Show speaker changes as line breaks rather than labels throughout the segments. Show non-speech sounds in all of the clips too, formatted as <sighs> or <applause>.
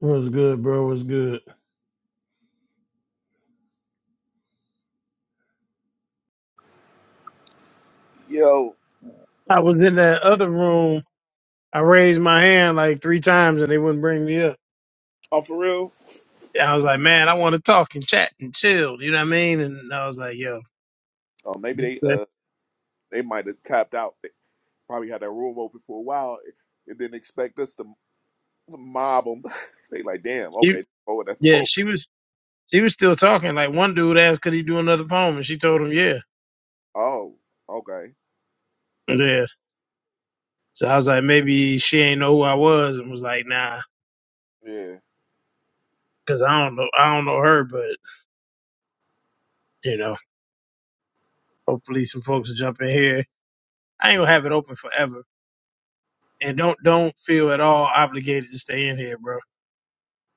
What's good, bro? What's good?
Yo,
I was in that other room. I raised my hand like three times and they wouldn't bring me up.
Oh, for real?
I was like, man, I want to talk and chat and chill. You know what I mean? And I was like, yo,
oh, maybe they
that-
uh they might have tapped out. They probably had that room open for a while and didn't expect us to mob them. <laughs> they like, damn,
she,
okay, oh, that's the
yeah,
post.
she was, she was still talking. Like one dude asked, could he do another poem? And she told him, yeah,
Oh, okay,
yeah. So I was like, maybe she ain't know who I was and was like, nah,
yeah.
cause I don't know, I don't know her, but you know, hopefully some folks will jump in here. I ain't gonna have it open forever. And don't, don't feel at all obligated to stay in here, bro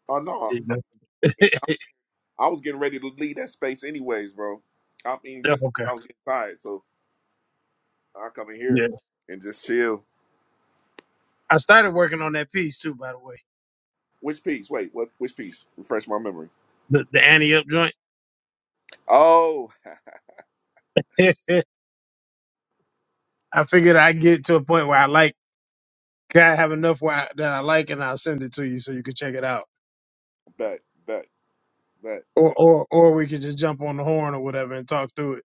Oh no,
You know?
I,
<laughs>
I was getting ready to leave that space anyways, bro. I mean,
Yeah,
just because
okay.
I was getting tired, so I come in here
Yeah.
and just chill.
I started working on that piece too, by the way.
Which piece? Wait, what? Which piece? Refresh my memory.
The the Annie up joint.
Oh,
<laughs> I figured I'd get to a point where I like I have enough where I, that I like and I'll send it to you so you can check it out.
<laughs> bet, bet, bet.
Or or or we could just jump on the horn or whatever and talk through it.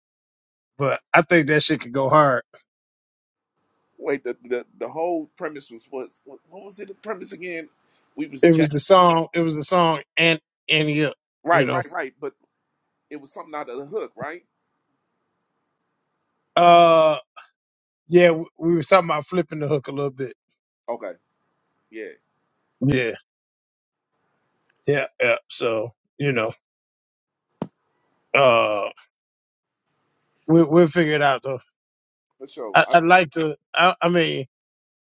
But I think that shit could go hard.
Wait, the, the the whole premise was was What what was it? The premise again? We was
It
jam-
was the song it was the song and Annie up, you
right,
know.
right, right. But it was something out of the hook, right?
Uh yeah, we, we were talking about flipping the hook a little bit.
Okay, yeah,
Yeah. Yeah, yeah. So, you know, uh we we'll figure it out though.
for sure.
I,
I
I'd like to. I, I mean,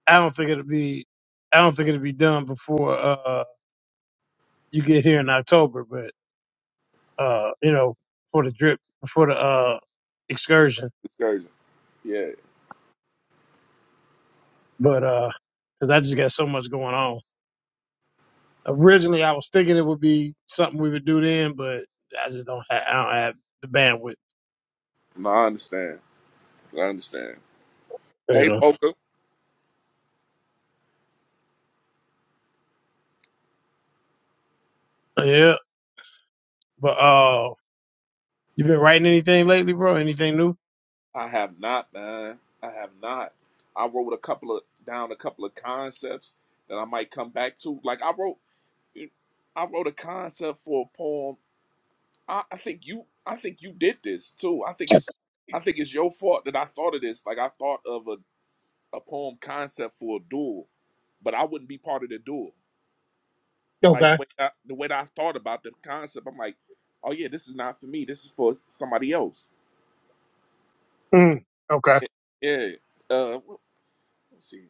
I don't think it'll be. I don't think it'll be done before uh, you get here in October. But uh, you know, for the drip, for the uh, excursion.
excursion. Yeah,
But because I just got so much going on. Originally, I was thinking it would be something we would do then, but I just don't. Have, I don't have the bandwidth.
no, I understand. I understand.
You
Hey,
know.
poker.
Yeah. But uh, you been writing anything lately, bro? Anything new?
I have not, man. I have not. I wrote a couple of down a couple of concepts that I might come back to. Like I wrote, I wrote a concept for a poem I, I think you I think you did this too. I think it's I think it's your fault that I thought of this. Like I thought of a, a poem concept for a duel, but I wouldn't be part of the duel. Like the
Okay.
way I, the way that I thought about the concept, I'm like, oh yeah, this is not for me. This is for somebody else.
Mm, okay.
Yeah. Uh, let me see.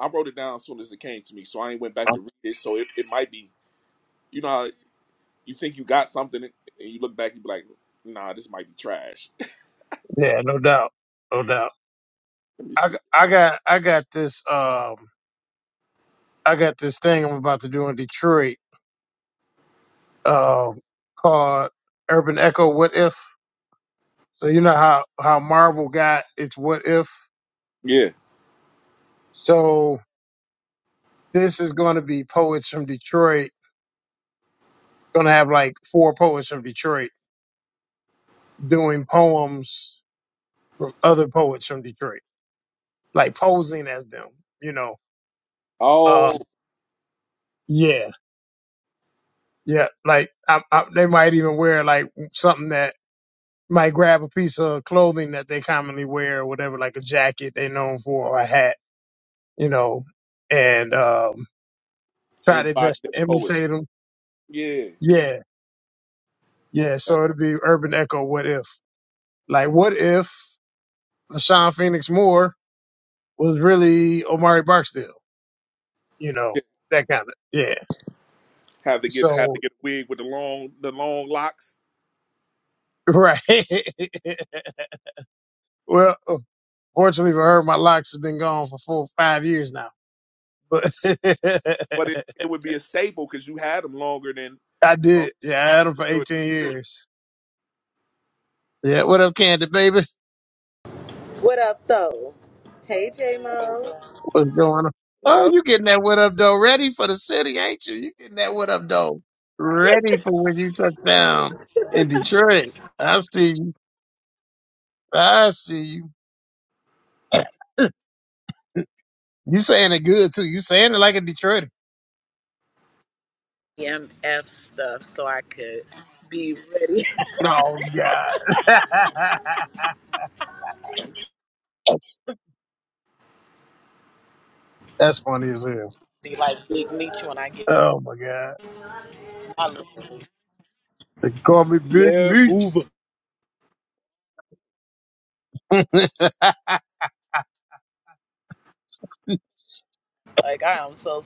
I wrote it down as soon as it came to me, so I ain't went back to read it. So it, it might be, you know, how you think you got something, and you look back, you be like, nah, this might be trash.
Yeah. No doubt. No doubt.
<laughs> let me
I,
see.
I got I got this um I got this thing I'm about to do in Detroit um called Urban Echo What If. So you know how how Marvel got its What If.
Yeah.
So this is going to be poets from Detroit. Going to have like four poets from Detroit doing poems from other poets from Detroit, like posing as them. You know. Uh,
Oh,
yeah, yeah. Like I, I, they might even wear like something that might grab a piece of clothing that they commonly wear or whatever, like a jacket they're known for or a hat, you know, and um, try their
embody
best to
that poet.
imitate them.
Yeah.
Yeah, yeah.
That's
So
all.
it'll be urban echo. What if? Like, what if Sean Phoenix Moore was really Omari Barksdale? You know,
Yeah.
that kind of yeah.
Have to get have to
So
get a wig with the long the long locks.
<laughs> right. <laughs> well, fortunately for her, my locks have been gone for four five years now, but. <laughs>
But it, it would be a staple because you had them longer than
I
you know,
did. Yeah, I had them
the
for
majority
18
of the- year.
years. Yeah, what up, Candy baby?
What up, though? Hey, J Mo.
What's going on?
what
Oh,
up?
you getting that what up though ready for the city, ain't you? You getting that what up though ready for when you touch down in Detroit. I see you. I see you. You saying it good too. You saying it like a Detroiter.
EMF stuff so I could be ready.
Oh God. <laughs> That's funny as hell.
<laughs> Be like Big Meech when I get
Oh my God.
my little-
They call me Big Meats. <laughs>
Like, I am so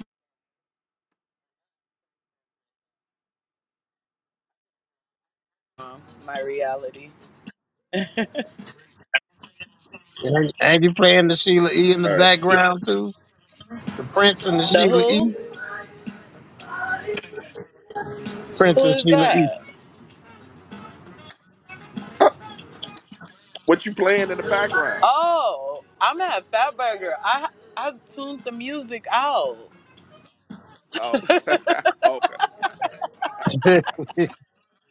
strong. My reality.
And and you playing the Sheila E in the
All
Yeah,
background too? The Prince and the
The
Sheila E?
who?
Prince
Who
and
is
Sheila
that?
right. <clears throat> What you playing in the background?
Oh, I'm at Fatburger. I I tuned the music out.
Oh, <laughs> okay.
E. <laughs>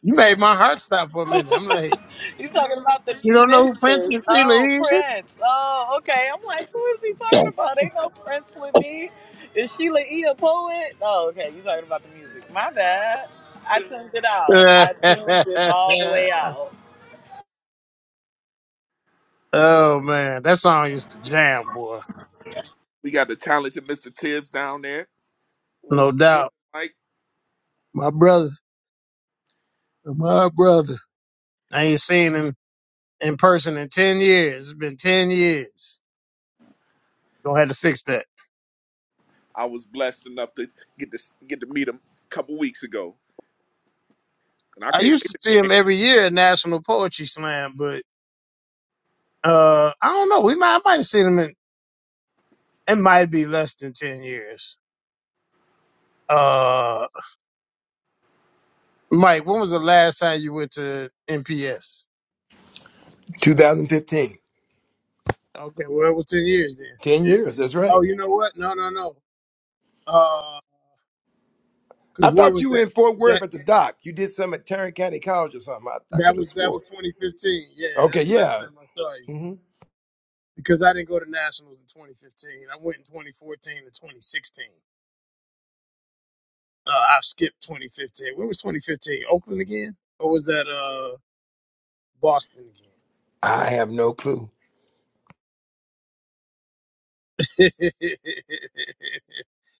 You made my heart stop for a minute. I'm like,
You talking about the
you don't know who
musicians?
Princess
Oh,
Sheila is?
Prince. Oh, okay. I'm like, who is he talking
<laughs>
about? Ain't no Prince with me. Is Sheila E a poet? Oh, okay. You talking about the music? My bad. I tuned it out. I tuned it all the way out.
oh man, that song used to jam, boy.
We got the talented Mr. Tibbs down there.
No
What's good,
doubt.
Mike?
My brother, my brother. I ain't seen him in person in ten years. It's been ten years. Gonna have to fix that.
I was blessed enough to get to get to meet him a couple weeks ago, and I
I
can't
used
wait
to
to
see
meet
him
him.
every year at National Poetry Slam, but uh, I don't know. We might, I might have seen him in. It might be less than ten years. Uh, Mike, when was the last time you went to NPS?
2015.
Okay, well, it was 10 years then.
10
Yeah.
years. That's
Oh,
right.
you know what? No, no, no. Uh,
I
cause where
thought
was
you were
that?
in Fort
Was that
Worth at the dock. You did some at Tarrant County College or something. I, I could
that
have
was that
swore.
was 2015? Yeah,
Okay,
that's the last
yeah.
time I saw you.
hmm
Because I didn't go to nationals in 2015. I went in 2014 to 2016. Uh, I skipped 2015. Where was 2015? Oakland again, or was that uh Boston
I have no clue.
again? <laughs>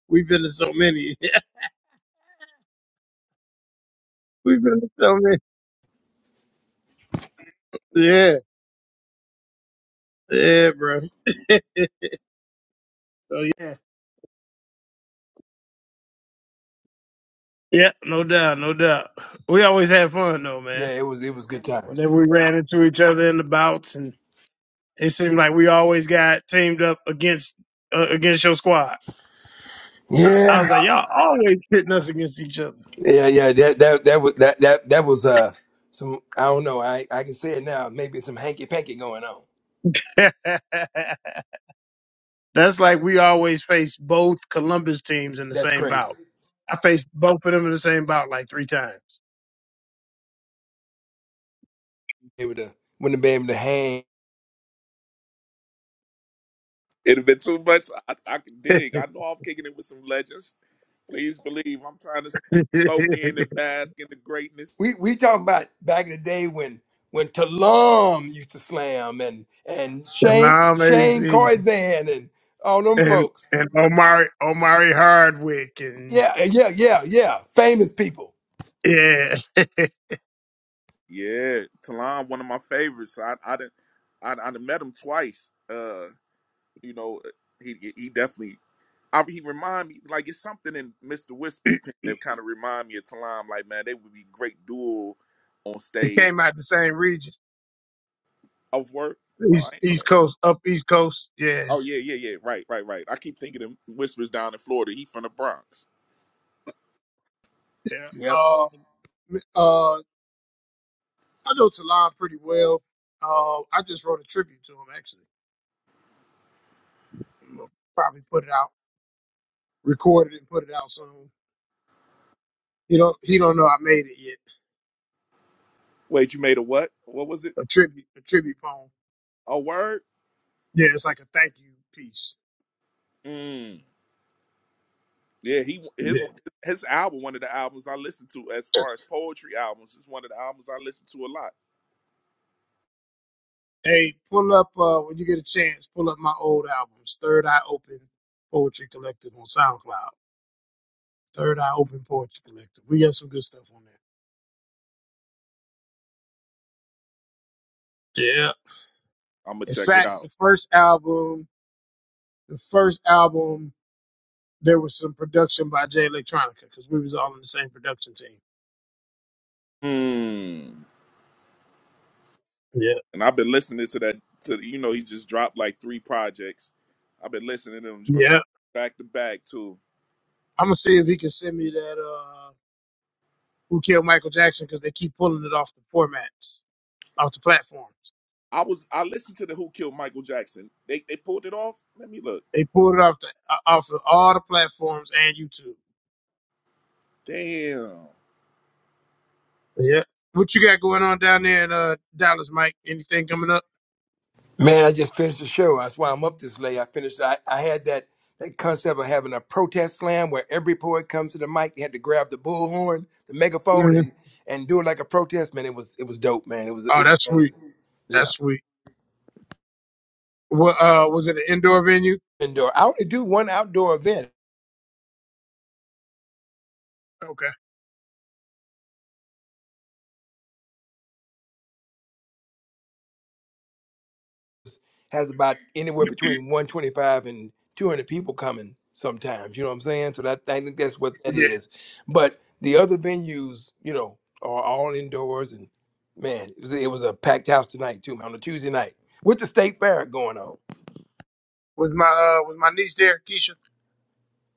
We've been to so many. <laughs> We've been to so many. Yeah, yeah, bro. <laughs> so yeah. Yeah, no doubt, no doubt. We always had fun though,
Yeah,
man.
it was it was good times.
Whenever we ran into each other in the bouts, and it seemed like we always got teamed up against uh, against your squad. I was
Yeah,
like, y'all always pitting us against each other.
yeah, yeah. That that that was that that that was uh some I don't know. I I can say it now. Maybe some hanky panky going on.
<laughs> That's like we always faced both Columbus teams in the
That's
same
crazy.
bout. I faced both of them in the same bout like three times. <laughs>
Able to wouldn't have been able to hang.
It'd have been too much. I, I can dig. I know I'm kicking it with some legends. Please believe I'm trying to soak in and bask in the greatness.
we we talking about back in the day when when Talum used to slam and and Shane
Salam AC
Shane Corzan and all them
and
folks.
and Omari Omari Hardwick and
Yeah, yeah, yeah, yeah. Famous people.
yeah. <laughs>
Yeah, Talon, one of my favorites. I I didn't I I done met him twice. Uh, you know, uh, he he definitely. I, he remind me like it's something in Mr. Whisper's pen that kind of remind me of Talon. Like man, they would be great duel on
It
stage.
came out the same region,
Of work. Oh, I
East
ain't know
East
that.
Coast, up East Coast. Yeah,
Oh yeah, yeah, yeah. Right, right, right. I keep thinking of Whispers down in Florida. He from the Bronx.
yeah.
Yep.
Um, uh, I know Talon pretty well. Uh, I just wrote a tribute to him actually. I'm gonna probably put it out, record it, and put it out soon. He don't he don't know I made it yet.
Wait, you made a what? What was it?
A tribute, a tribute poem.
A word?
Yeah, it's like a thank you piece.
Mm. Yeah, he his
Yeah.
his album, one of the albums I listen to as far as poetry albums, is one of the albums I listen to a lot.
Hey, pull up uh, when you get a chance. Pull up my old albums, Third Eye Open Poetry Collective on SoundCloud. Third Eye Open Poetry Collective. We got some good stuff on there.
I'm gonna
In
check it
fact,
out.
the first album, the first album, there was some production by Jay Electronica because we was all in the same production team.
Hmm.
Yeah,
And I've been listening to that. To you know, he just dropped like three projects. I've been listening to them joints
yeah.
back to back too.
I'm gonna see if he can send me that. uh Who killed Michael Jackson? Because they keep pulling it off the formats, off the platforms.
I was I listened to the Who Killed Michael Jackson. They they pulled it off. Let me look.
They pulled it off the uh, off of all the platforms and YouTube.
Damn.
Yeah. What you got going on down there in uh, Dallas, Mike? Anything coming up?
Man, I just finished the show. That's why I'm up this late. I finished. I, I had that that concept of having a protest slam where every poet comes to the mic. They had to grab the bullhorn, the megaphone,
Mhm.
and and do it like a protest. Man, it was it was dope. Man, it was it
Oh,
was
that's sweet.
amazing. Yeah,
That's sweet. What uh, was it an indoor venue?
indoor. I only do one outdoor event.
Okay.
has about anywhere between 125 and 200 people coming sometimes you know what i'm saying so that i think that's what that is but the other venues you know are all indoors and man it was, it was a packed house tonight too on a tuesday night with the state fair going on
Was my uh was my niece there, Keisha?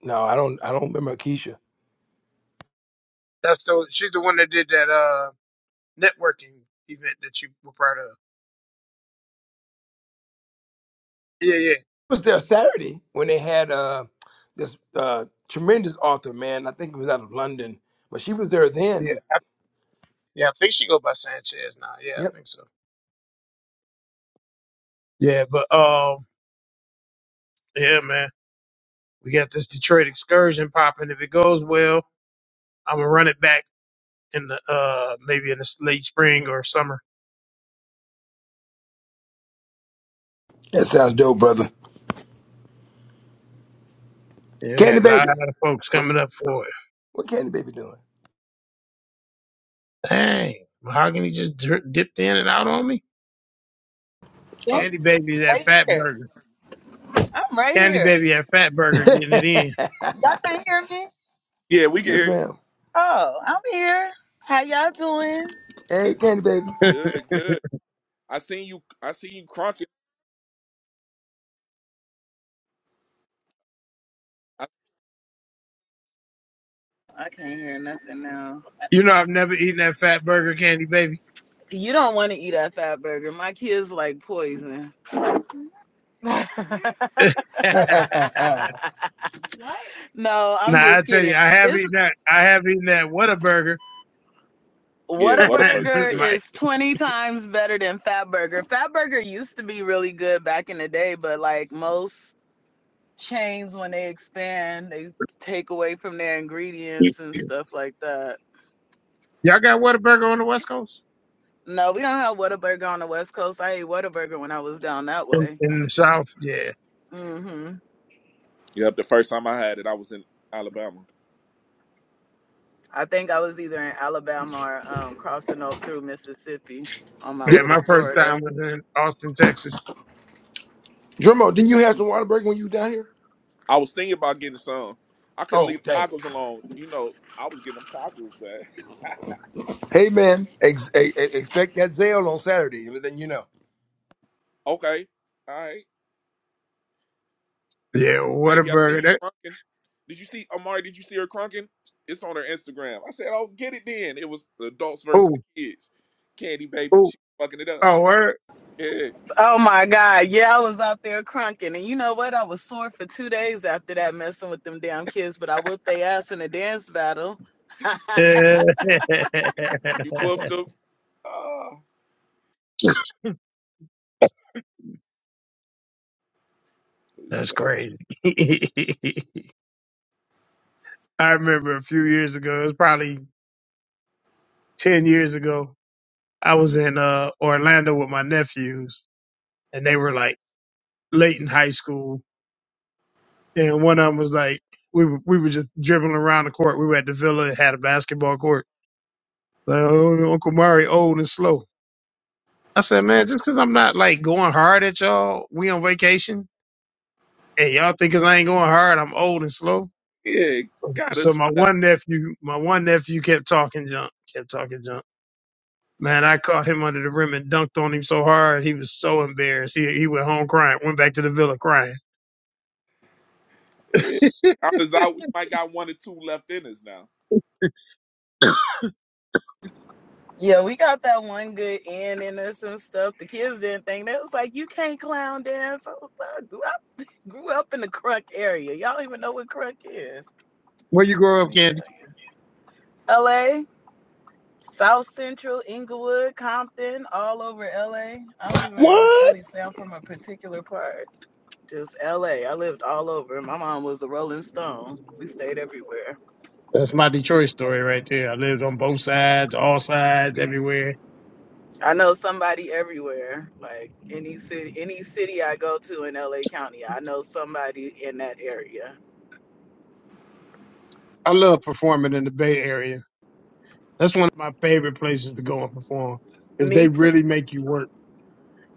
no i don't i don't remember Keisha.
That's the she's the one that did that uh networking event that you were part of. Yeah, yeah,
I was there saturday when they had uh this uh tremendous author man i think it was out of london but she was there
yeah.
then
I, yeah, I think she go by Sanchez now. Yeah, I
yep
think so. Yeah, but um, yeah, man, we got this Detroit excursion popping. If it goes well, I'm gonna run it back in the uh maybe in the late spring or summer.
that sounds dope brother
Yeah, we
candy
got a lot
baby
of folks
what
coming up for it.
what candy baby doing
Dang, Mahogany just dri dipped in and out on me.
can
Uh,
Candy
Yeah,
Baby that
right
fat
here.
burger.
I'm right
Candy
here.
Baby that fat
<laughs>
burger getting it
yes,
in.
Y'all can't hear me?
Yeah, we can hear you.
ma'am.
Oh, I'm here. How y'all doing?
Hey, Candy Baby.
Good, good. I seen you. I seen you crunching. I,
I can't hear nothing now.
You know, I've never eaten that fat burger candy, baby.
You don't want to eat that fat burger. My kids like poison. <laughs>
<laughs> nah,
<laughs>
no, I'm
I
just
tell you,
kidding
I have
It's
eaten that. I have eaten that Whataburger.
yeah,
<laughs>
what a burger.
Whataburger
Good.
my,
is 20 times better than Fatburger. Fatburger used to be really good back in the day, but like most chains, when they expand, they take away from their ingredients and stuff like that.
y'all got Whataburger on the West Coast?
No, we don't have Whataburger on the West Coast. I ate Whataburger when I was down that
In,
way.
in the South? Yeah.
hmm
Yep. The first time I had it, I was in Alabama.
I think I was either in Alabama or um, crossing o- through Mississippi on my
Yeah,
Did,
way to
my first
Florida.
time was in Austin, Texas.
Drummo, didn't you have some water break when you were down here?
I was thinking about getting some. I couldn't
Oh,
leave
damn.
tacos alone. You know, I was getting them tacos, man. <laughs>
Hey, man. Ex- e- e- expect that sale on Saturday, but then you know.
Okay. All right.
Yeah,
Baby, I seen
Whataburger.
you
That,
crunking. Did you see Amari, did you see her crunking? It's on her Instagram. I said, Oh, get it then. It was the adults versus
ooh,
the kids. Candy baby,
ooh,
she fucking it up.
oh, word.
Yeah.
Oh my God. Yeah, I was out there crunking. And you know what? I was sore for two days after that messing with them damn kids, but I whooped their ass in a dance battle. <laughs>
Yeah. <laughs>
You whooped them. Oh, for
That's
sure.
crazy. <laughs> I remember a few years ago, it was probably 10 years ago, I was in uh, Orlando with my nephews, and they were like, late in high school, and one of them was like we were, we were just dribbling around the court. We were at the villa, it had a basketball court. Like, oh, Uncle Mari old and slow. I said, man, just 'cause I'm not like going hard at y'all, we on vacation, and y'all think 'cause I ain't going hard, I'm old and slow.
Yeah, got
So
us.
my one nephew, my one nephew kept talking junk, kept talking junk. Man, I caught him under the rim and dunked on him so hard, he was so embarrassed. He he went home crying, went back to the villa crying.
I was out. We might got one or two left in us now.
yeah, we got that one good in in us and stuff. The kids didn't think that was like, you can't clown dance. I was like, I grew up, <laughs> grew up in the crunk area. Y'all even know what crunk is.
Where you grow
Let
up,
me show
Candy?
you. LA, South Central, Inglewood, Compton, all over LA. I don't even
What?
really say I'm from a particular part. just LA. I lived all over. My mom was a Rolling Stone. We stayed everywhere.
That's my Detroit story right there. I lived on both sides, all sides, everywhere.
I know somebody everywhere. Like any city, any city I go to in LA County, I know somebody in that area.
I love performing in the Bay Area. That's one of my favorite places to go and perform. cause they
Me too.
really make you work.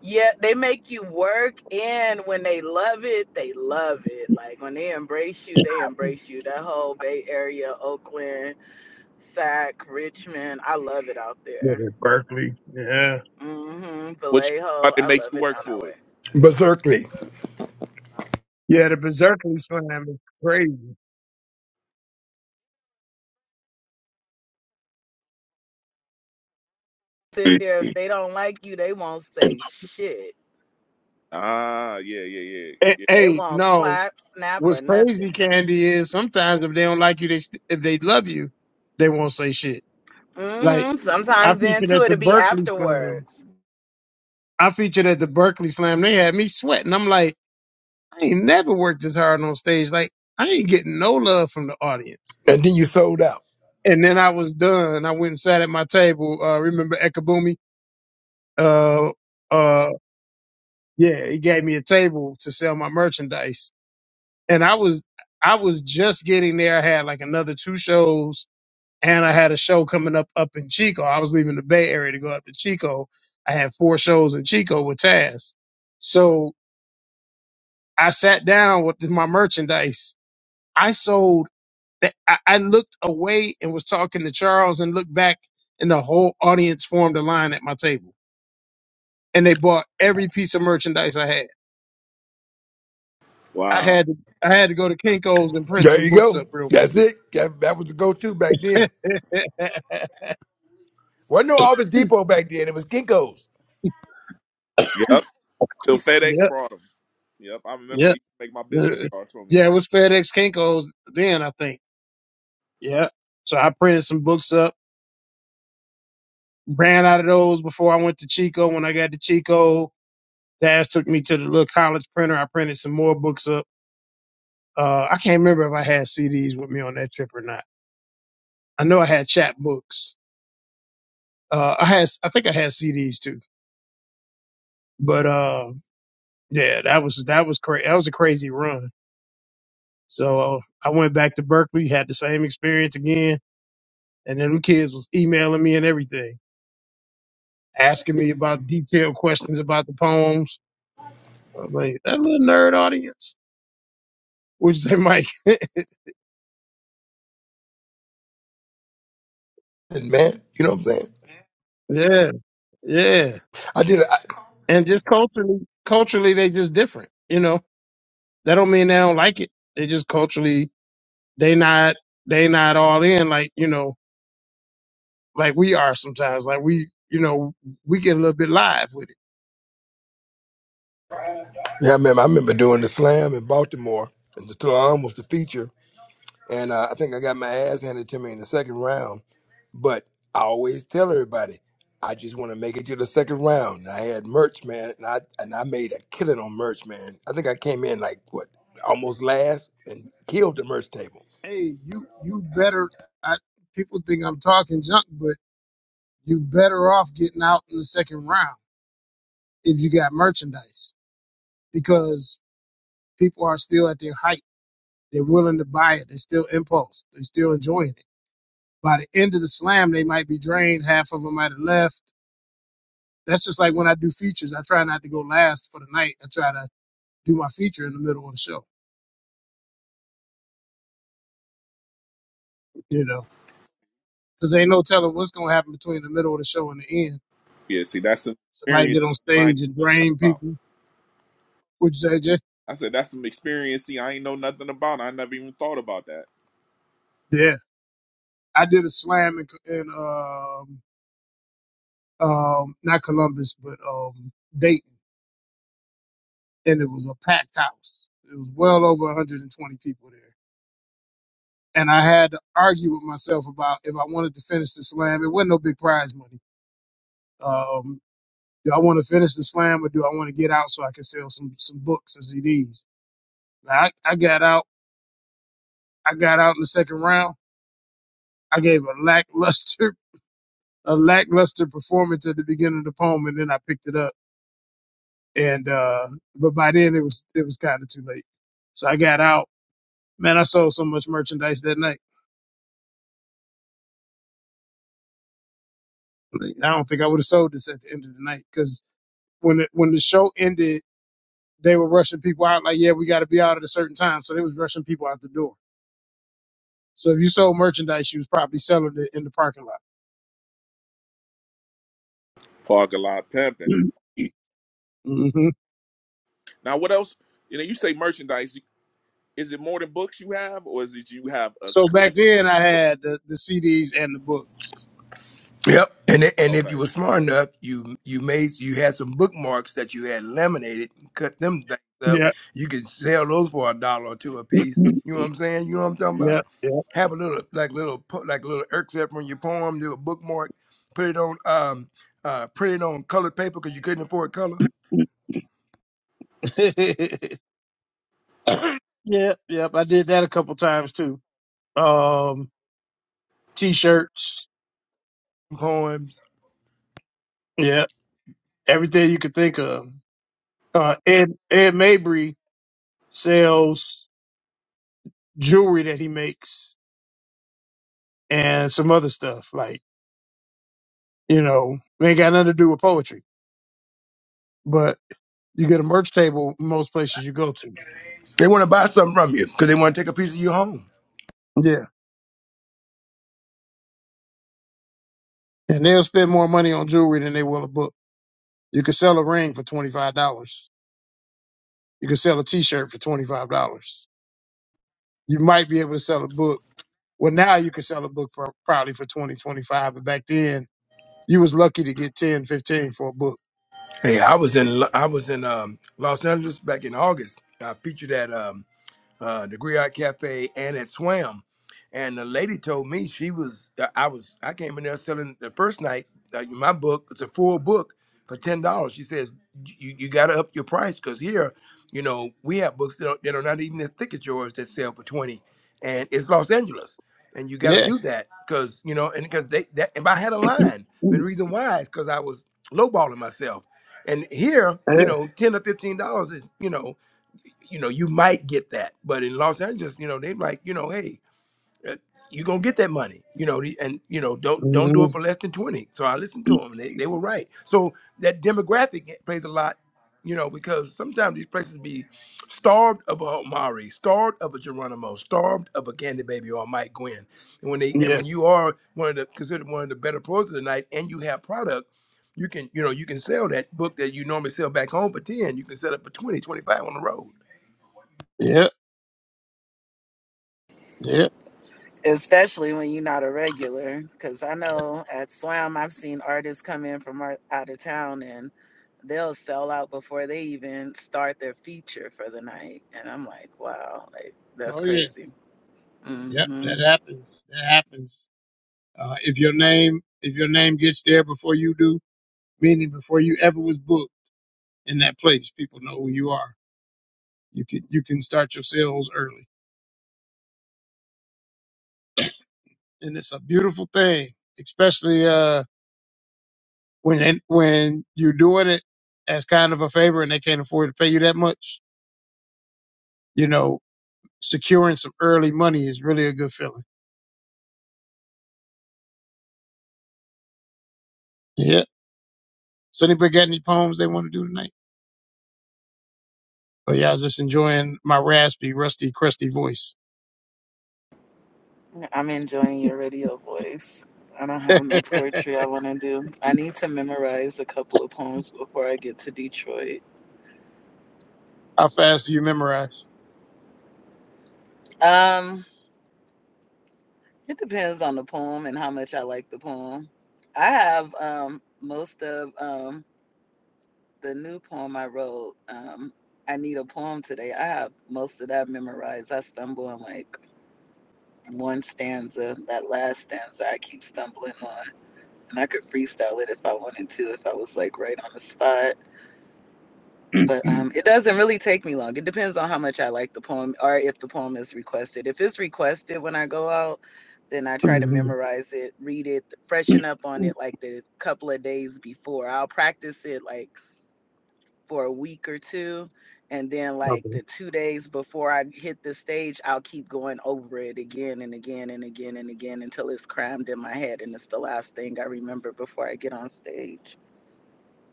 Yeah, they make you work, and when they love it, they love it. Like when they embrace you, they embrace you. That whole Bay Area, Oakland, Sac, Richmond, I love it out
Yeah,
there.
Berkeley. Yeah.
Mm-hmm.
What you mean by
Vallejo,
they
I
make
love
you
it
work
down
for
that way.
it?
Berserkly.
Yeah, the Berserkly Slam is crazy.
sit
hey,
there. If they don't like you, they won't say shit.
Ah, yeah, yeah, yeah. yeah.
They
hey,
won't
no.
clap, snap,
What's
or
crazy,
nothing.
Candy, is sometimes if they don't like you, they st- if they love you, they won't say shit. Like
hmm
I
Sometimes then
featured
too,
at the
it'll be
Berkeley Slam.
afterwards.
I featured at the Berkeley Slam. They had me sweating. I'm like, I ain't never worked as hard on stage. Like I ain't getting no love from the audience.
And then you sold out.
And then I was done. I went and sat at my table. Uh, remember Ekabumi? Uh, uh, yeah, he gave me a table to sell my merchandise, and I was I was just getting there. I had like another two shows, and I had a show coming up up in Chico. I was leaving the Bay Area to go up to Chico. I had four shows in Chico with Taz, so I sat down with my merchandise. I sold that I, I looked away and was talking to Charles and looked back and the whole audience formed a line at my table and they bought every piece of merchandise I had. I
Wow.
had to, I had to go to Kinko's and print
There
some
you
books
go.
up real quick.
That's it. That, that was the go to back
<laughs>
then.
yep,
Wasn't no Office Depot back then. It was Kinko's.
Yep. Till FedEx brought them. Yep, I remember they
yep.
used to make my
Uh,
business cards for me.
Yeah, it was FedEx Kinko's then, I think. Yeah. So I printed some books up, ran out of those before I went to Chico. When I got to Chico, Dash took me to the little college printer. I printed some more books up Uh, I can't remember if I had CDs with me on that trip or not. I know I had chapbooks. Uh, I had, I think I had CDs too. But uh, yeah, that was that was crazy. That was a crazy run. So uh, I went back to Berkeley, had the same experience again, and then the kids was emailing me and everything, asking me about detailed questions about the poems. I was like that little nerd audience, would you say, Mike? <laughs>
And man, you know what I'm saying?
Yeah, yeah.
I did. A, I,
And just culturally, culturally, they just different, you know. That don't mean they don't like it. They just culturally they not they not all in like you know like we are sometimes. Like we you know we get a little bit live with it.
yeah, man. I remember doing the slam in Baltimore, and the slam was the feature. and uh, I think I got my ass handed to me in the second round. But I always tell everybody, I just want to make it to the second round. And I had merch, man, and I and I made a killing on merch, man. I think I came in like what almost last and killed the merch table.
Hey, you you better. I, people think I'm talking junk, but you better off getting out in the second round if you got merchandise because people are still at their height. They're willing to buy it. They're still impulse. They're still enjoying it. By the end of the slam, they might be drained. Half of them might have left That's just like when I do features. I try not to go last for the night. I try to do my feature in the middle of the show, you know, because ain't no telling what's going to happen between the middle of the show and the end.
Yeah, see, that's some
Somebody
experience
get on
that I ain't
stage
know
and drain
about.
people. What you say, Jay?
I said that's some experience. See, I ain't know nothing about. I never even thought about that.
Yeah. I did a slam in, in um, um, not Columbus, but um, Dayton, and it was a packed house. It was well over 120 people there. And I had to argue with myself about if I wanted to finish the slam. It wasn't no big prize money Um, Do I want to finish the slam or do I want to get out so I can sell some some books and CDs? Now, I, I got out. I got out in the second round. I gave a lackluster <laughs> a lackluster performance at the beginning of the poem, and then I picked it up. And uh, but by then it was it was kind of too late. So I got out. Man, I sold so much merchandise that night. I don't think I would have sold this at the end of the night because when it, when the show ended, they were rushing people out. Like, yeah, we got to be out at a certain time. So they was rushing people out the door. So if you sold merchandise, you was probably selling it in the parking
Parking lot pimping.
lot. hmm
Now, what else? You know, you say merchandise. Is it more than books you have, or is it you have a
So back
collection?
then, I had the, the CDs and the books.
Yep. And i- and if you
Okay.
were smart enough, you you made you had some bookmarks that you had laminated, cut them things up.
Yeah,
You could sell those for a dollar or two a piece.
<clears throat>
You know what I'm saying? You know what I'm talking about?
yeah,
have a little like little like little excerpt from your poem, do a bookmark, put it on um uh print it on colored paper because you couldn't afford color
yeah, <coughs> yeah, yeah. <clears throat> <laughs> I did that a couple times too. Um, t-shirts.
poems.
Yeah, everything you could think of. Uh, Ed Ed Mabry sells jewelry that he makes and some other stuff like you know ain't got nothing to do with poetry, but You get a merch table most places you go to.
They want to buy something from you because they want to take a piece of you home.
Yeah. And they'll spend more money on jewelry than they will a book. You can sell a ring for twenty five dollars. You can sell a t shirt for twenty five dollars. You might be able to sell a book. Well, now you can sell a book for probably for twenty twenty five, but back then you was lucky to get ten fifteen for a book.
Hey, I was in Lo- I was in um Los Angeles back in August. I featured at um uh, the Griot Cafe and at Swam. And the lady told me she was, uh, I was, I came in there selling the first night, uh, my book, it's a full book for $10. She says, you, you got to up your price because here, you know, we have books that are, that are not even as thick as yours that sell for 20 dollars. And it's Los Angeles. And you got to
Yeah.
do that because, you know, and because they, that, if I had a line, and the reason why is because I was lowballing myself. And here, you
Yeah.
know, 10 or $15 is, you know, you know, you might get that, but in Los Angeles, you know, they are like, you know, hey, uh, you gonna get that money, you know, the- and you know, don't don't do it
Mhm.
for less than twenty. So I listened to them, and they, they were right. So that demographic plays a lot, you know, because sometimes these places be starved of a Mari, starved of a Geronimo, starved of a Candy Baby or a Mike Gwen, and when they and
Yeah.
when you are one of the considered one of the better pros of the night, and you have product. You can, you know, you can sell that book that you normally sell back home for 10, you can sell it for 20, 25 on the road.
Yeah. Yeah.
Especially when you're not a regular, because I know at Swam I've seen artists come in from out of town and they'll sell out before they even start their feature for the night, and I'm like, wow, like that's
Oh yeah.
crazy.
Yep.
Mm-hmm.
That happens. That happens. Uh, if your name if your name gets there before you do, meaning before you ever was booked in that place. People know who you are. You can you can start your sales early, and it's a beautiful thing, especially uh, when when you're doing it as kind of a favor, and they can't afford to pay you that much. You know, securing some early money is really a good feeling. Yeah. So anybody got any poems they want to do tonight? Oh yeah, I was just enjoying my raspy, rusty, crusty voice.
I'm enjoying your radio voice. I don't have no poetry I want to do. I need to memorize a couple of poems before I get to Detroit.
How fast do you memorize?
Um, it depends on the poem and how much I like the poem. I have um most of um the new poem I wrote. Um, I need a poem today. I have most of that memorized. I stumble on like one stanza, that last stanza I keep stumbling on, and I could freestyle it if I wanted to, if I was like right on the spot
<clears throat>
but um, it doesn't really take me long. It depends on how much I like the poem or if the poem is requested. If it's requested when I go out, then I try to
okay.
memorize it, read it, freshen up on it like the couple of days before. I'll practice it like for a week or two. And then, like the two days before I hit the stage, I'll keep going over it again and again and again and again until it's crammed in my head. And it's the last thing I remember before I get on stage.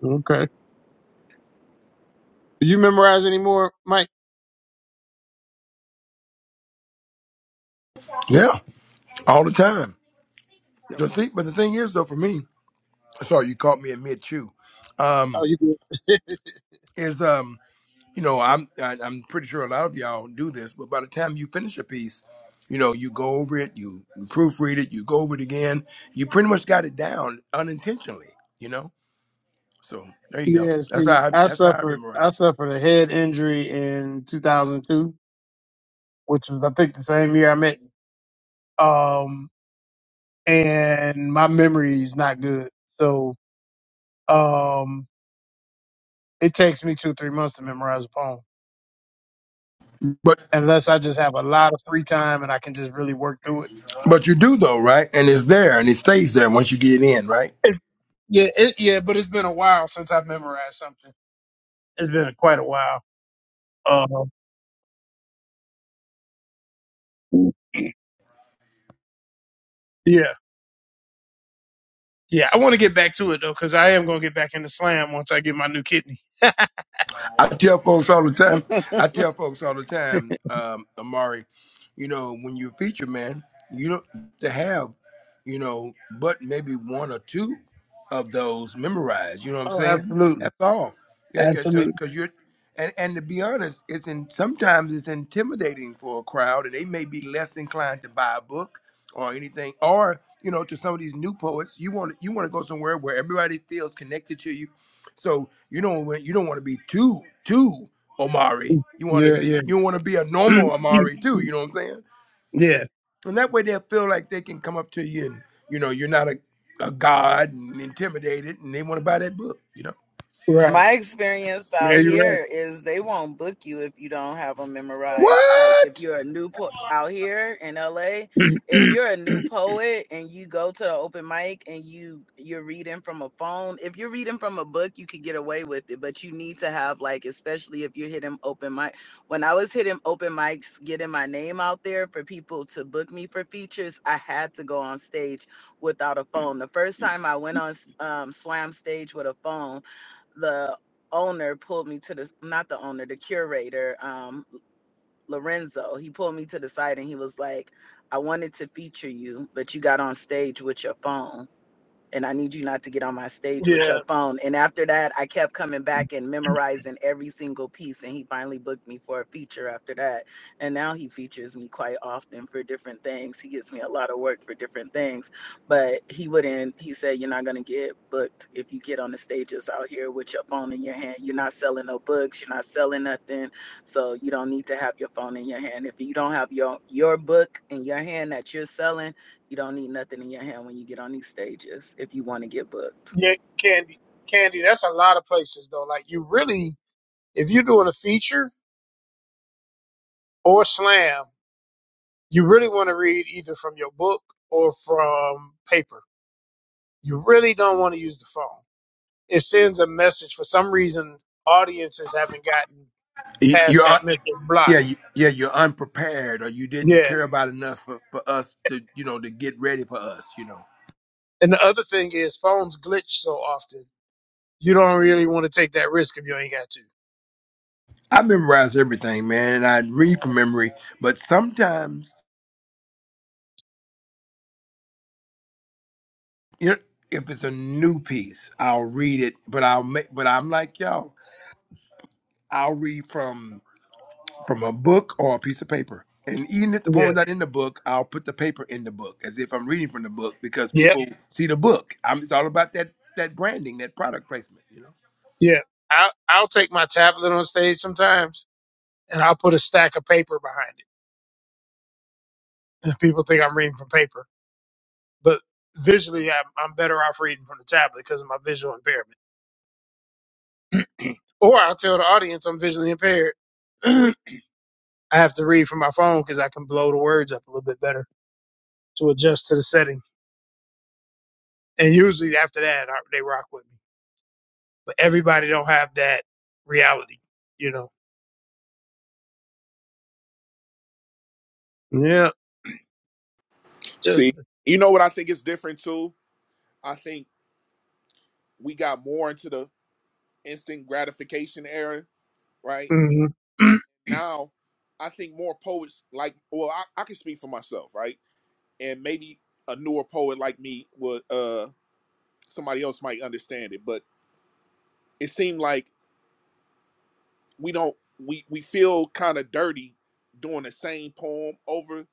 Okay. Do you memorize anymore, Mike?
Yeah. all the time. The
Okay.
thing, but the thing is, though, for me, sorry, you caught me in mid chew.
Oh,
Um,
you good? <laughs>
is um, you know, I'm I, I'm pretty sure a lot of y'all do this, but by the time you finish a piece, you know, you go over it, you proofread it, you go over it again, you pretty much got it down unintentionally, you know. So there you go.
Yeah,
That's how
see,
I,
I
that's how I
suffered I
memorize.
suffered a head injury in 2002, which was I think the same year I met. Um, and my memory is not good, so um, it takes me two or three months to memorize a poem,
But
unless I just have a lot of free time and I can just really work through it.
but you do though, right? And it's there and it stays there once you get it in, right?
It's, yeah, it, yeah, but it's been a while since I've memorized something. It's been quite a while. Um, yeah, yeah, I want to get back to it though, because I am gonna get back into slam once I get my new kidney. <laughs>
I tell folks all the time. I tell folks all the time, um, Amari. You know, when you feature man, you don't have to have, you know, but maybe one or two of those memorized. You know what I'm
Oh,
saying?
absolutely.
That's all. Yeah, yeah.
Absolutely.
Because you're, and and to be honest, it's in sometimes it's intimidating for a crowd, and they may be less inclined to buy a book or anything, or you know, to some of these new poets, you want you want to go somewhere where everybody feels connected to you so you don't you don't want to be too too Omari. You want to
Yeah,
be you want to be a
yeah.
normal Omari
<clears throat>
too. You know what I'm saying?
yeah,
And that way they'll feel like they can come up to you and you know you're not a, a god and intimidated, and they want to buy that book. You know
right.
My experience
Yeah,
out
you're right.
here is they won't book you if you don't have them memorized. Like if
what?
you're a new po- out here in LA, if you're a new poet and you go to the open mic and you you're reading from a phone, if you're reading from a book, you could get away with it, but you need to have like especially if you're hitting open mic. When I was hitting open mics, getting my name out there for people to book me for features, I had to go on stage without a phone. The first time I went on s- um, Slam stage with a phone the owner pulled me to the not the owner the curator um lorenzo he pulled me to the side and he was like i wanted to feature you but you got on stage with your phone and I need you not to get on my stage with
Yeah,
your phone. And after that, I kept coming back and memorizing every single piece. And he finally booked me for a feature after that. And now he features me quite often for different things. He gives me a lot of work for different things. But he wouldn't, he said, You're not going to get booked if you get on the stages out here with your phone in your hand. You're not selling no books. You're not selling nothing. So you don't need to have your phone in your hand. If you don't have your, your book in your hand that you're selling, you don't need nothing in your hand when you get on these stages if you want to get booked.
yeah, Candy, Candy. That's a lot of places though. Like you really, if you're doing a feature or slam, you really want to read either from your book or from paper. You really don't want to use the phone. It sends a message. For some reason, audiences haven't gotten past
You, are
that mental block.
yeah you, yeah you're unprepared or you didn't
Yeah,
care about enough for, for us to you know to get ready for us. You know
and the other thing is phones glitch so often. You don't really want to take that risk if you ain't got
I memorize everything, man, and I read from memory, but sometimes. you're, if it's a new piece, I'll read it, but I'll make, but I'm like y'all, I'll read from from a book or a piece of paper, and even if the
to.
poem's not in the book, I'll put the paper in the book as if I'm reading from the book because
Yep,
people see the book. I'm it's all about that that branding, that product placement, you know.
yep. I'll, I'll take my tablet on stage sometimes and I'll put a stack of paper behind it. And people think I'm reading from paper, but visually I'm, I'm better off reading from the tablet because of my visual impairment. Or I'll tell the audience I'm visually impaired. <clears throat> I have to read from my phone because I can blow the words up a little bit better to adjust to the setting. And usually after that, I, they rock with me. But everybody don't have that reality, you know. Yeah. Just.
See, you know what I think is different too. I think we got more into the instant gratification era, right?
hmm
Now, I think more poets like. Well, I, I can speak for myself, right? and maybe a newer poet like me would uh somebody else might understand it but it seemed like we don't we we feel kind of dirty doing the same poem over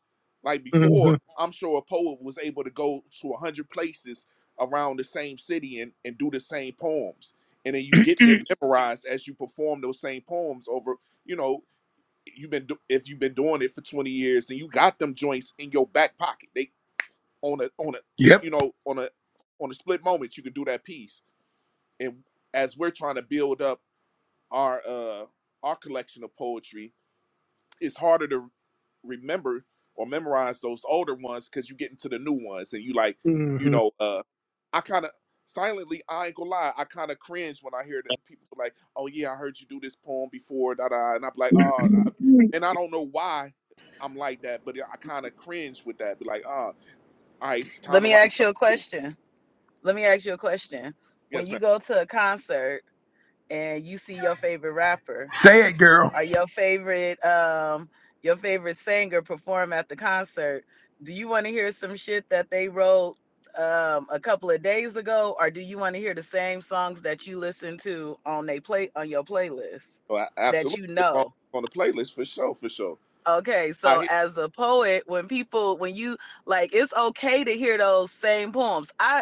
like before
<clears throat>
i'm sure a poet was able to go to a 100 places around the same city and, and do the same poems and then you getting it memorized as you perform those same poems over you know you've been do- if you've been doing it for 20 years then you got them joints in your back pocket they on a on a you
Yep,
know on a on a split moment you can do that piece and as we're trying to build up our uh our collection of poetry it's harder to remember or memorize those older ones because you get into the new ones and you like you
hmm
know uh i kind of silently i ain't gonna lie i kind of cringe when i hear that people like oh yeah i heard you do this poem before da da and i'm like oh
hmm
I-
<clears throat>
and i don't know why i'm like that but i kind of cringe with that be like ah all right it's time
Let
to
me
write
ask you a
something
question. Let me ask you a question. When
Yes, ma'am.
you go to a concert and you see your favorite rapper
say it, girl.
or your favorite um your favorite singer perform at the concert, do you want to hear some shit that they wrote um a couple of days ago or do you want to hear the same songs that you listen to on they play on your playlist
So I,
that
absolutely,
you
the song
know?
is on the playlist for sure, for sure.
Okay,
I
so
hear.
as a poet, when people, when you like, it's okay to hear those same poems. I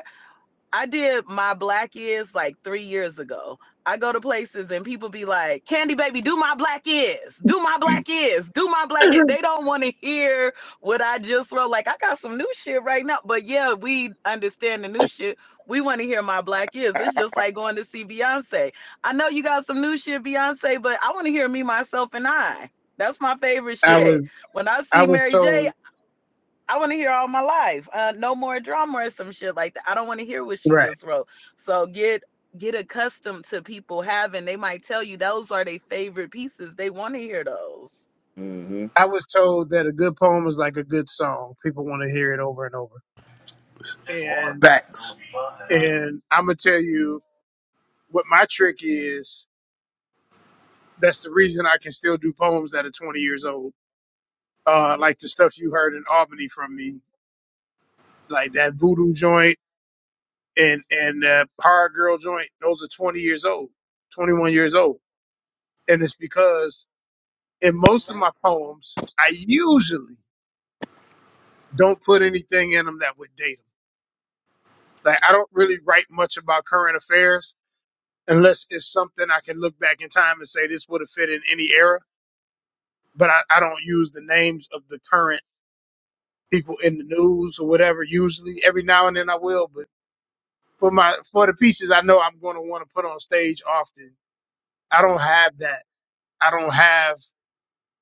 I did my black is like three years ago. I go to places and people be like, Candy baby, do my black is, do my black is, do my black is. They don't want to hear what I just wrote. Like, I got some new shit right now. But yeah, we understand the new shit. We want to hear my black is. It's just like going to see Beyonce. I know you got some new shit, Beyonce, but I want to hear me, myself, and I. That's my favorite
I
Yeah.
was
shit. When I
I
see
was
Mary J,
told
I want to hear all my life. Uh, no more drama or some shit like that. I don't want to hear what she
right.
just wrote. So get get accustomed to people having. They might tell you those are their favorite pieces. They want to hear those.
Mm-hmm.
I was told that a good poem is like a good song. People want to hear it over and over. And
Facts.
and I'm gonna tell you what my trick is. That's the reason I can still do poems that are 20 years old. Uh, like the stuff you heard in Albany from me, like that voodoo joint and and that Hard girl joint. Those are 20 years old, 21 years old. And it's because in most of my poems, I usually don't put anything in them that would date 'em. Like I don't really write much about current affairs unless it's something I can look back in time and say this would have fit in any era. But I, I don't use the names of the current people in the news or whatever. Usually, every now and then I will, but for my for the pieces I know I'm going to want to put on stage often, I don't have that. I don't have,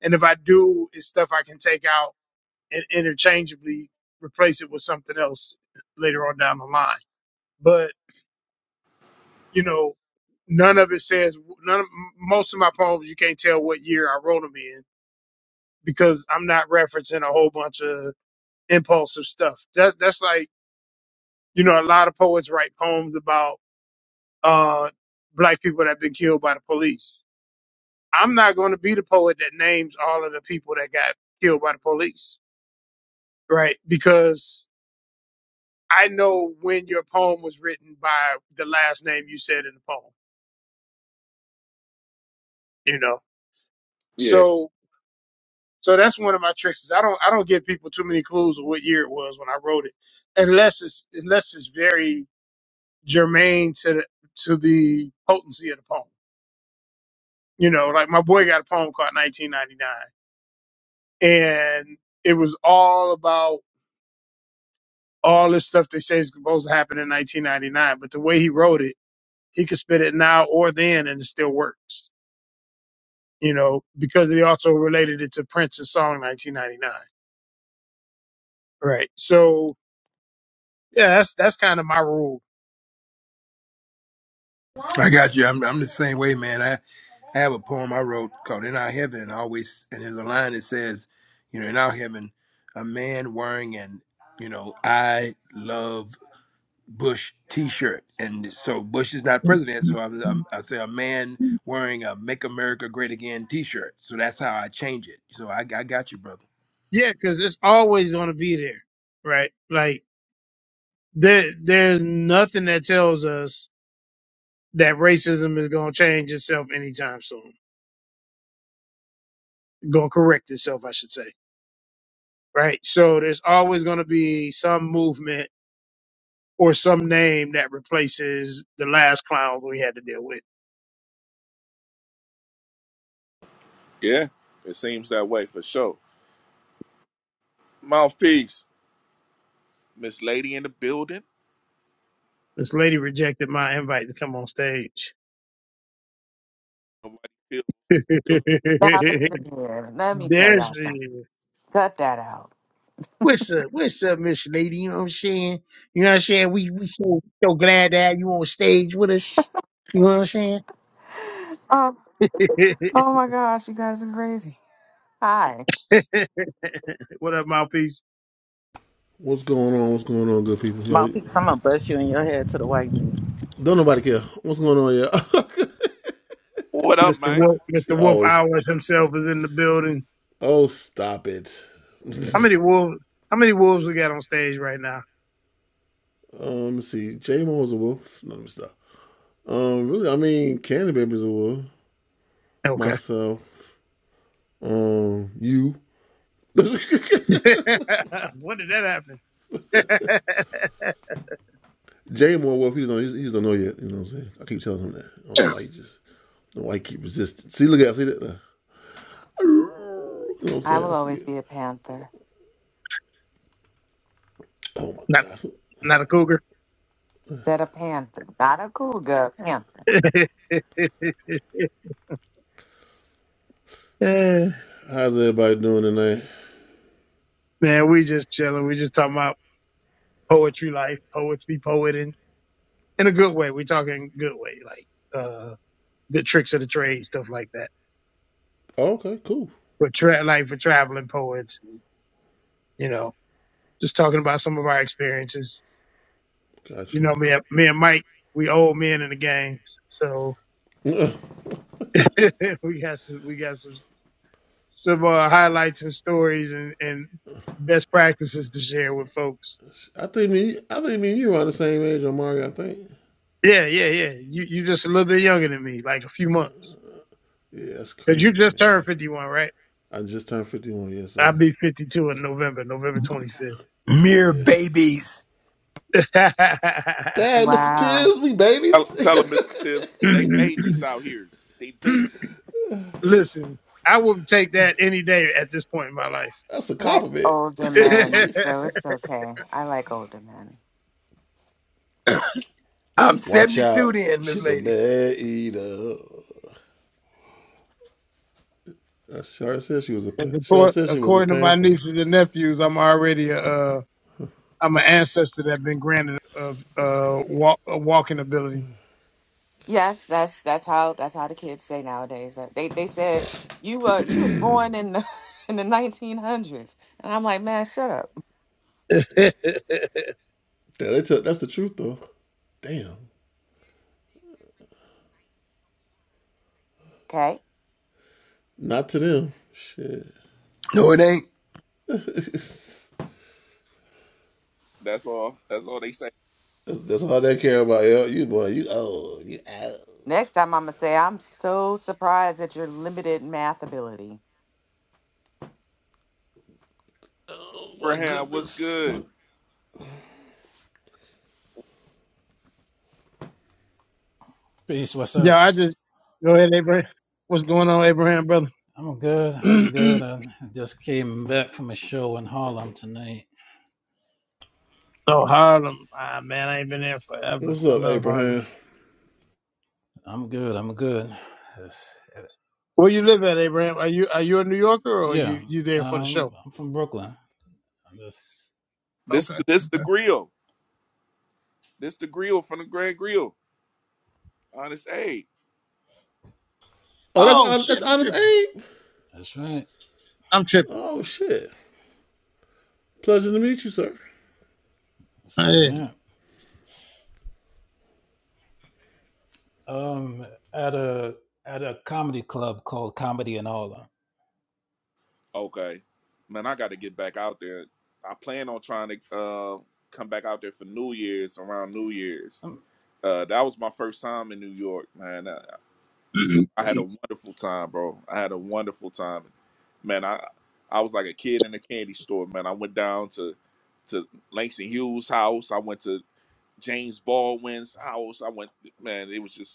and if I do, it's stuff I can take out and interchangeably replace it with something else later on down the line. But you know, none of it says none. Of, most of my poems, you can't tell what year I wrote them in because I'm not referencing a whole bunch of impulsive stuff. That that's like you know, a lot of poets write poems about uh black people that have been killed by the police. I'm not going to be the poet that names all of the people that got killed by the police, right? Because I know when your poem was written by the last name you said in the poem, you know.
Yeah.
So So that's one of my tricks. Is I don't I don't give people too many clues of what year it was when I wrote it, unless it's unless it's very germane to the to the potency of the poem. You know, like my boy got a poem called 1999, and it was all about all this stuff they say is supposed to happen in 1999. But the way he wrote it, he could spit it now or then, and it still works. You know, because he also related it to Prince's song 1999. Right. So yeah, that's that's kind of my rule
I got you. I'm, I'm the same way, man. I, I have a poem I wrote called "In Our Heaven," and I always and there's a line that says, "You know, in our heaven, a man wearing an you know I love Bush T-shirt, and so Bush is not president, so I, I, I say a man wearing a "Make America Great Again" T-shirt. So that's how I change it. So I, I got you, brother.
Yeah, because it's always going to be there, right? Like there, there's nothing that tells us that racism is going to change itself anytime soon, going to correct itself, I should say, right? So there's always going to be some movement or some name that replaces the last clown we had to deal with.
Yeah. It seems that way for sure. Mouthpiece, Miss Lady in the building.
This lady rejected my invite to come on stage.
Nobody feels
<laughs>
guilty.
Now listen here. Let me tell
there
y'all
she
something.
is.
Cut that out.
What's up? What's up, Miss Lady? You know what I'm saying? You know what I'm saying? We we so, so glad to have you on stage with us. You know what I'm saying?
Oh,
<laughs>
oh my gosh, you guys are crazy. Hi.
what up, mouthpiece?
What up,
Mr.
man?
Wolf, Mr. Wolf Hours himself is in the building. How many wolves? How many wolves we got on stage right now? Okay. <laughs> when did that happen? <laughs>
I will always be a panther.
not, not a cougar.
Said a panther, not a cougar. A Panther.
<laughs> Eh, Man, we just chilling. We just talking about poetry life, poetry, be in a good way. We're talking good way, like uh, good tricks of the trade, stuff like that. But tra- like for traveling poets, and, you know, just talking about some of our experiences. You know, me, and- me and Mike, we old men in the game, so <laughs> we got some, we got some some uh, highlights and stories and and best practices to share with folks. Yeah, yeah, yeah. You you just a little bit younger than me, like a few months, because you just turned fifty one, right? I'll be fifty two in November, November twenty fifth.
Mere babies.
<laughs>
Wow.
Tell, tell them, Mr. Tips, they babies out here. They babies.
Listen, I would take that any day at this point in my life.
I like older
<laughs>
men, so it's okay. I like older men.
I'm 72 then, Miss Lady.
'Cause accor- According to my nieces and nephews, I'm already a, uh, I'm an ancestor that been granted of uh, walk, a walking ability.
Yes, that's that's how that's how the kids say nowadays. Like, They they said you were you was born in the <laughs> in the nineteen hundreds, and I'm like, man, shut up.
<laughs>
Okay.
No, it ain't.
That's all. That's all they say.
Next time I'm gonna say I'm so surprised at your limited math ability.
Abraham, what's good?
Peace, what's
yeah,
up?
I just go ahead, Abraham. What's going on, Abraham, brother?
I'm good.
<clears throat>
I'm good.
oh,
I just came back from a show in Harlem tonight.
Harlem. Ah, man, I ain't been there forever. I love Harlem.
I'm good. I'm good. It's-
Where you live at, Abraham? Are you are you a New Yorker or are
Yeah,
you you there for the show?
um, I'm from Brooklyn. I'm just,
This, this
Okay.
the grill. This the grill from the Grand Grill. Honest, aid.
Oh shit, I'm tripping.
that's right.
I'm tripping.
Same
Hey.
here. Um, at a at a comedy club called Comedy in Harlem.
Okay. Man, I got to get back out there. I plan on trying to uh, come back out there for New Year's, around New Year's.
Um,
Uh, that was my first time in New York, man. I,
<clears throat>
it- I had a wonderful time, bro. I had a wonderful time. Man, I I was like a kid in a candy store, man. I went down to to Langston Hughes' house. I went to James Baldwin's house. I went, man, it was just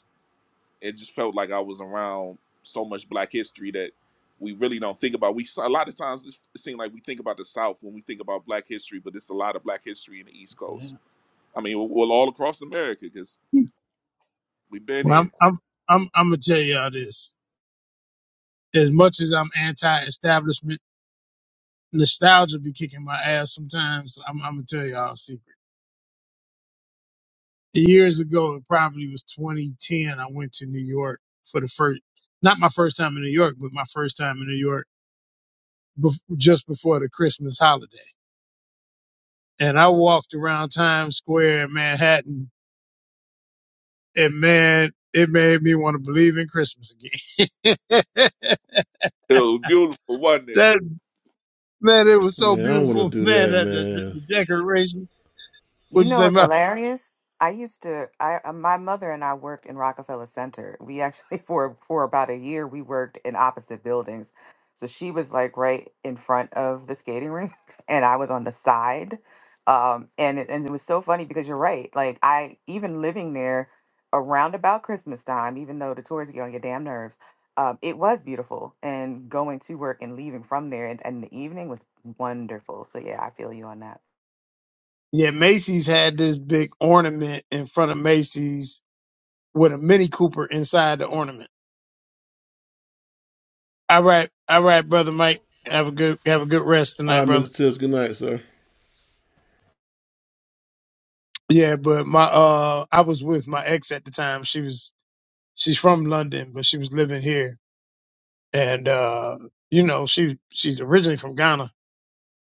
it just felt like I was around so much Black history that we really don't think about. We a lot of times it seems like we think about the South when we think about Black history, but it's a lot of Black history in the East Coast.
yeah.
I mean, well, all across America because we've been
well,
here.
I'm, I'm I'm I'm gonna tell y'all this. As much as I'm anti-establishment, nostalgia be kicking my ass sometimes. I'm, I'm gonna tell y'all a secret. Years ago, it probably was 2010. I went to New York for the first, not my first time in New York, but my first time in New York bef- just before the Christmas holiday. And I walked around Times Square in Manhattan, and man, it made me want to believe in Christmas again. <laughs>
It was beautiful, wasn't it?
That. man, it was so beautiful, <laughs> man. That the, the, the decoration. What
You
you
know
say
what's
about?
hilarious? I used to. I uh, my mother and I worked in Rockefeller Center. We actually <laughs> for for about a year we worked in opposite buildings. So she was like right in front of the skating rink, <laughs> and I was on the side. Um, and it, and it was so funny because you're right. Like I even living there around about Christmas time, even though the tourists get on your damn nerves, um, it was beautiful. And going to work and leaving from there and, and the evening was wonderful. So yeah, I feel you on that.
Yeah, Macy's had this big ornament in front of Macy's with a Mini Cooper inside the ornament. All right, all right, brother Mike. Have a good have a good rest tonight, brother. Yeah, but my uh, I was with my ex at the time. She was she's from London, but she was living here, and uh, you know she she's originally from Ghana,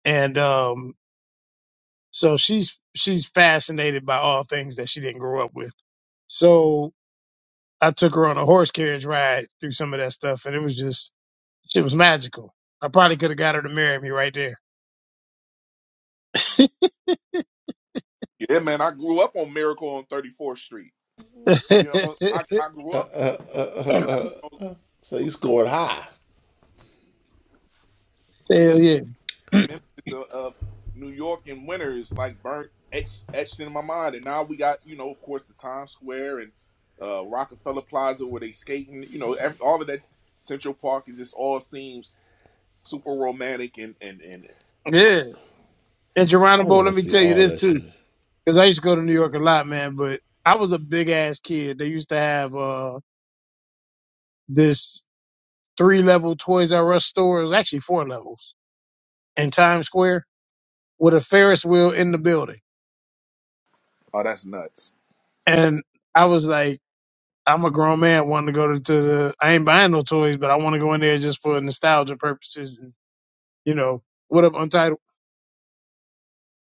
and um, so she's she's fascinated by all things that she didn't grow up with. So I took her on a horse carriage ride through some of that stuff, and it was just shit was magical. I probably could have got her to marry me right there.
Yeah, man. I grew up on Miracle on Thirty Fourth Street.
<laughs> Hell
You know, I I grew up. on Them
yeah, <clears throat>
them images of, of New York in winter is like burnt etched, etched in my mind. And now we got you know, of course, the Times Square and uh, Rockefeller Plaza where they skating. You know, every, all of that Central Park it just all seems super romantic and and and
yeah. And Geronimo, let me tell you this too, because I used to go to New York a lot, man. But I was a big ass kid. They used to have uh this three level Toys R Us store. It was actually four levels in Times Square with a Ferris wheel in the building,
oh, that's nuts.
and I was like. I'm a grown man wanting to go to, to the. I ain't buying no toys, but I want to go in there just for nostalgia purposes. And, you know, what up, Untitled?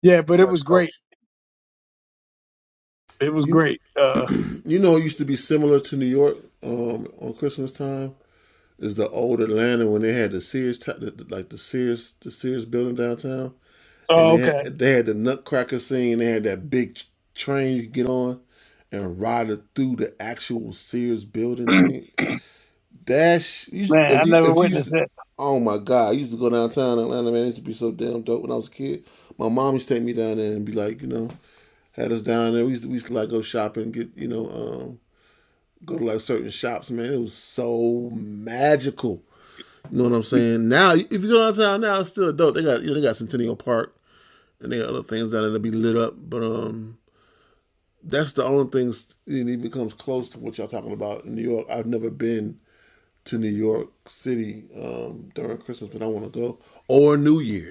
Yeah, but it
much,
was
Coach.
great. It was great. Uh, oh, okay. <clears throat> Man, I never witnessed that.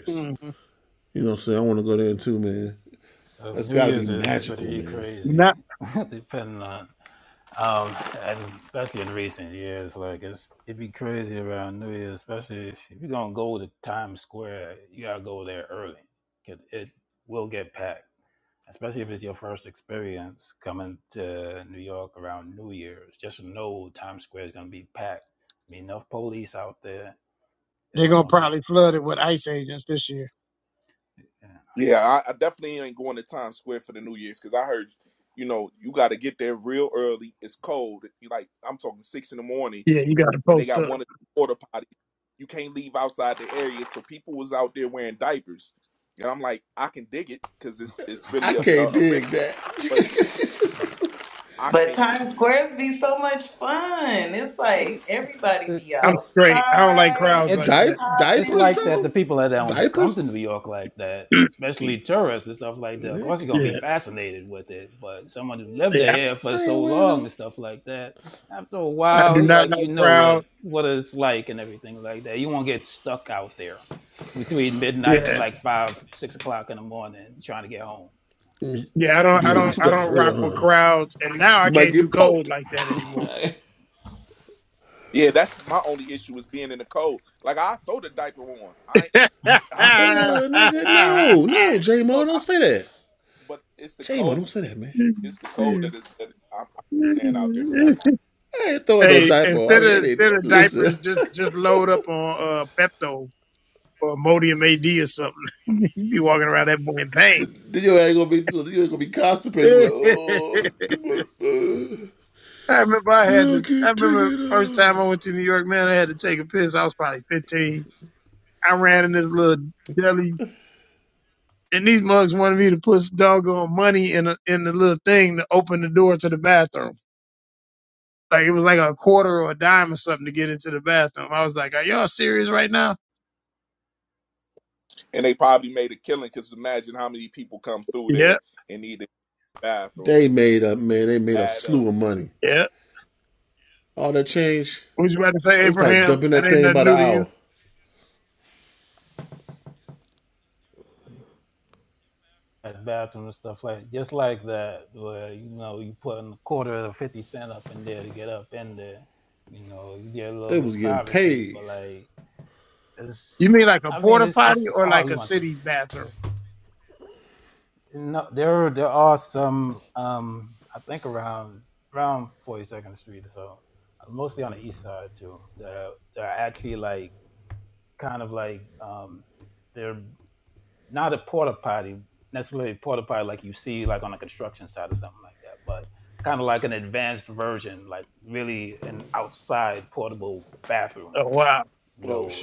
hmm
Uh, New Year's is pretty crazy,
Not.
<laughs> depending on Um, and especially in recent years, like it's it'd be crazy around New Year's, especially if you're gonna go to Times Square, you gotta go there early because it will get packed. Especially if it's your first experience coming to New York around New Year's, just know Times Square is gonna be packed. Be enough police out there.
They're
It's
gonna
gonna be
probably flood it with ICE agents this year.
yeah.
Yeah, I, I definitely ain't going to Times Square for the New Year's because I heard. You know, you got to get there real early. It's cold. You like, I'm talking six in the morning
Yeah, you got to
and they
post
got
up.
one of the porta potties. You can't leave outside the area, so people was out there wearing diapers, and I'm like, I can dig it because it's it's really a, a, a risk, but I
But
can't.
Times Square's be so much fun. It's
It,
like everybody
it,
be
I'm
it's
straight. I don't like
outside,
crowds
you
like
be
it's it's like
popping.
that. The people that don't come to New York like that,
that. <clears throat>
especially tourists and stuff like that, of course, you're gonna
yeah,
be fascinated with it. But someone who lived
yeah.
here for so long and stuff like that, after a
I do
while, you
not
like you
like
know
crowds.
what what it's like and everything like that. You won't get stuck out there between midnight and
Yeah,
like five, six o'clock in the morning trying to get home.
yeah. I don't. I don't. I don't rock with crowds. And now I can't do cold like that anymore.
Yeah, that's my only issue is being in the cold. Like I throw the diaper on, I
<laughs> hey,
I throw the diaper on, Real talk, I- but it's the cold. It's the cold that, is, that it, I'm not staying out there for that long,
instead of instead of diapers, just just load up on uh, Pepto or Modium AD or something. <laughs> you be walking around that boy in pain. <laughs> I remember I had to. I remember first time I went to New York, man. I had to take a piss. I was probably fifteen. I ran in this little deli, and these mugs wanted me to put some doggone money in a, in the little thing to open the door to the bathroom. Like it was like a quarter or a dime or something to get into the bathroom. I was like, Are y'all serious right now?
and they probably made a killing because imagine how many people come through
Yeah,
there and need the bathroom and add up.
yeah. What you about to say, Abraham? That ain't nothing new to you.
like bathroom and stuff like just like that where you know you put a quarter or 50 cent up in there to get up in there you know you get a little bit of privacy but like
You
it's
mean like a
i mean
porta
it's
potty
it's
or
oh
like
you
a
want to take
city
with
bathroom?
you no there there are some um i think around around 42nd street so mostly on the east side too that are, that are actually like kind of like um they're. not a porta potty necessarily a porta potty like you see like on a construction site or something like that, but kind of like an advanced version, like really an outside portable bathroom.
Oh wow.
You know,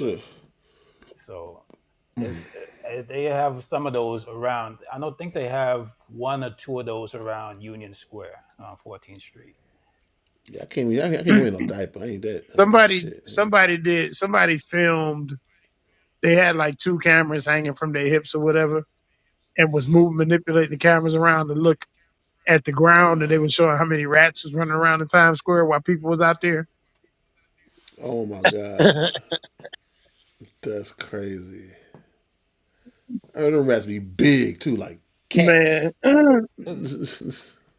so it's eh, eh, they have some of those around. I don't think they have one or two of those around Union Square on 14th Street.
Somebody somebody did somebody filmed they had like two cameras hanging from their hips or whatever and was moving manipulating the cameras around to look at the ground and they were showing how many rats was running around in Times Square while people was out there. <laughs> Man.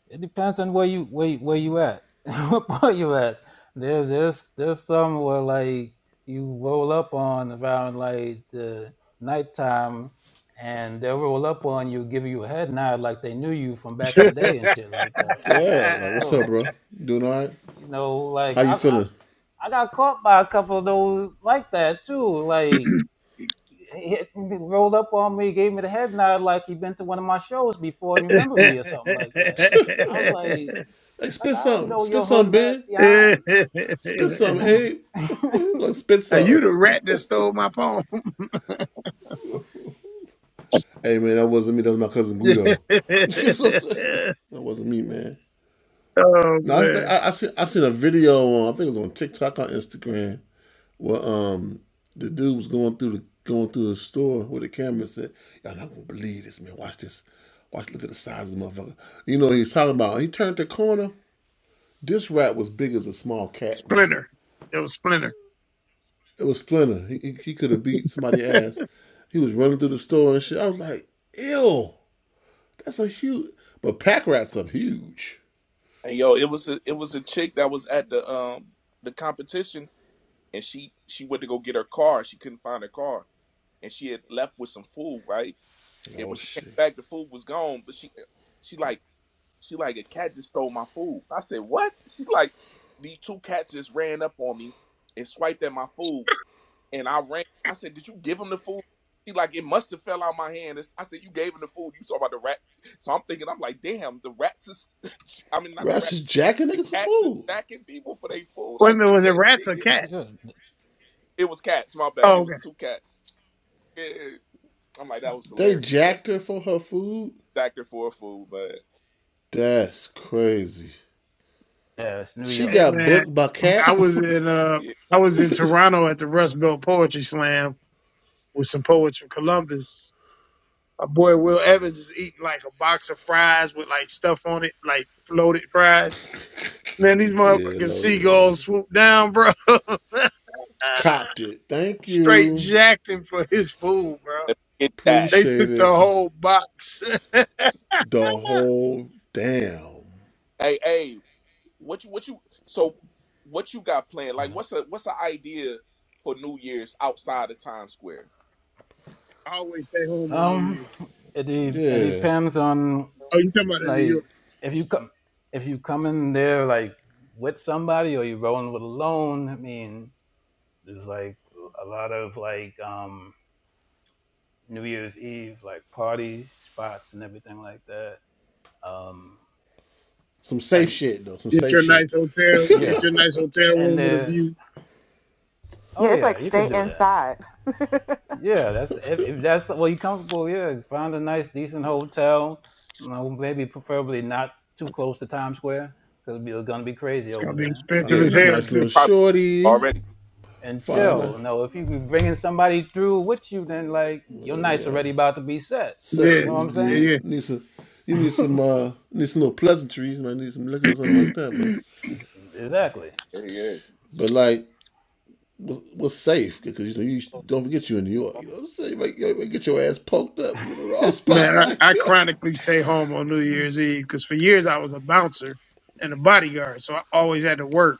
It depends on where you where you- where you at, <laughs> what part you at. There there's there's some where like you roll up on around like the nighttime, and they'll roll up on you, give you a head nod like they knew you from back in the day and shit like that. So you know, like I I, I got caught by a couple of those like that too.
<clears throat>
Like he he rolled up on me, gave me the head nod like he'd been to one of my shows before and
<laughs>
remembered
Are
me or something like that. I was like, like I don't know your hood rat behind. <laughs>
you the rat that stole my poem? <laughs> oh man, Splinter. It was Splinter.
And yo, it was a, it was a chick that was at the um the competition, and she she went to go get her car. She couldn't find her car, and she had left with some food, right? And when she came back, the food was gone. But she she like she like a cat just stole my food. I said what? She's like these two cats just ran up on me and swiped at my food, and I ran. I said, did you give them the food? She like it must have fell out my hand. It's- I said you gave them the food. You saw about the rat. So I'm thinking I'm like, damn, the rats is. <laughs> I mean not the rat. The cats is stacking people for their food.
Wait a
Like,
minute,
give me
was it
that
rats or
chicken.
cats?
Yeah,
It was cats. My bad. It
Oh, okay.
was two cats. Yeah. yeah, yeah. I'm like, that was hilarious. So, stacked her for her food, but
Yeah, it's New
Hey
York.
man, I was in uh,
yeah,
I was in Toronto at the Rust Belt Poetry Slam with some poets from Columbus. My boy Will Evans is eating like a box of fries with like stuff on it, like floated fries. Man, these motherfucking seagulls swoop down, bro. <laughs> <laughs> Straight jacked him for his food, bro.
let's get that.
They took the whole box. <laughs>
Hey, hey, what you, what you? So, what you got planned? Like, what's a, what's an idea for New Year's outside of Times Square?
I always stay home on New
Um,
Year's.
it it depends on
Oh, you talking about in New
like
York?
if you come if you come in there like with somebody or you are rolling with alone. I mean, there's like a lot of like um New Year's Eve like party spots and everything like that. Um, I,
Get your nice hotel.
Yeah,
Get
yeah,
your nice hotel
and
room with a
the
view.
oh
Yeah, it's
yeah,
like
you could
stay
do that.
inside. <laughs>
Yeah, that's if, if that's well, you comfortable. Yeah, find a nice, decent hotel. You know, maybe preferably not too close to Times Square because it's gonna be crazy
It's gonna
over
be
there.
expensive
yeah,
as hell
And
they
too.
probably already.
and chill. You know, if you be bringing somebody through with you, then like your night's already about to be set. You
Yeah,
know what I'm saying?
yeah, yeah.
<laughs> exactly.
Yeah, yeah.
<laughs>
<clears throat> Man, I, I chronically stay home on New Year's Eve because for years I was a bouncer and a bodyguard, so I always had to work,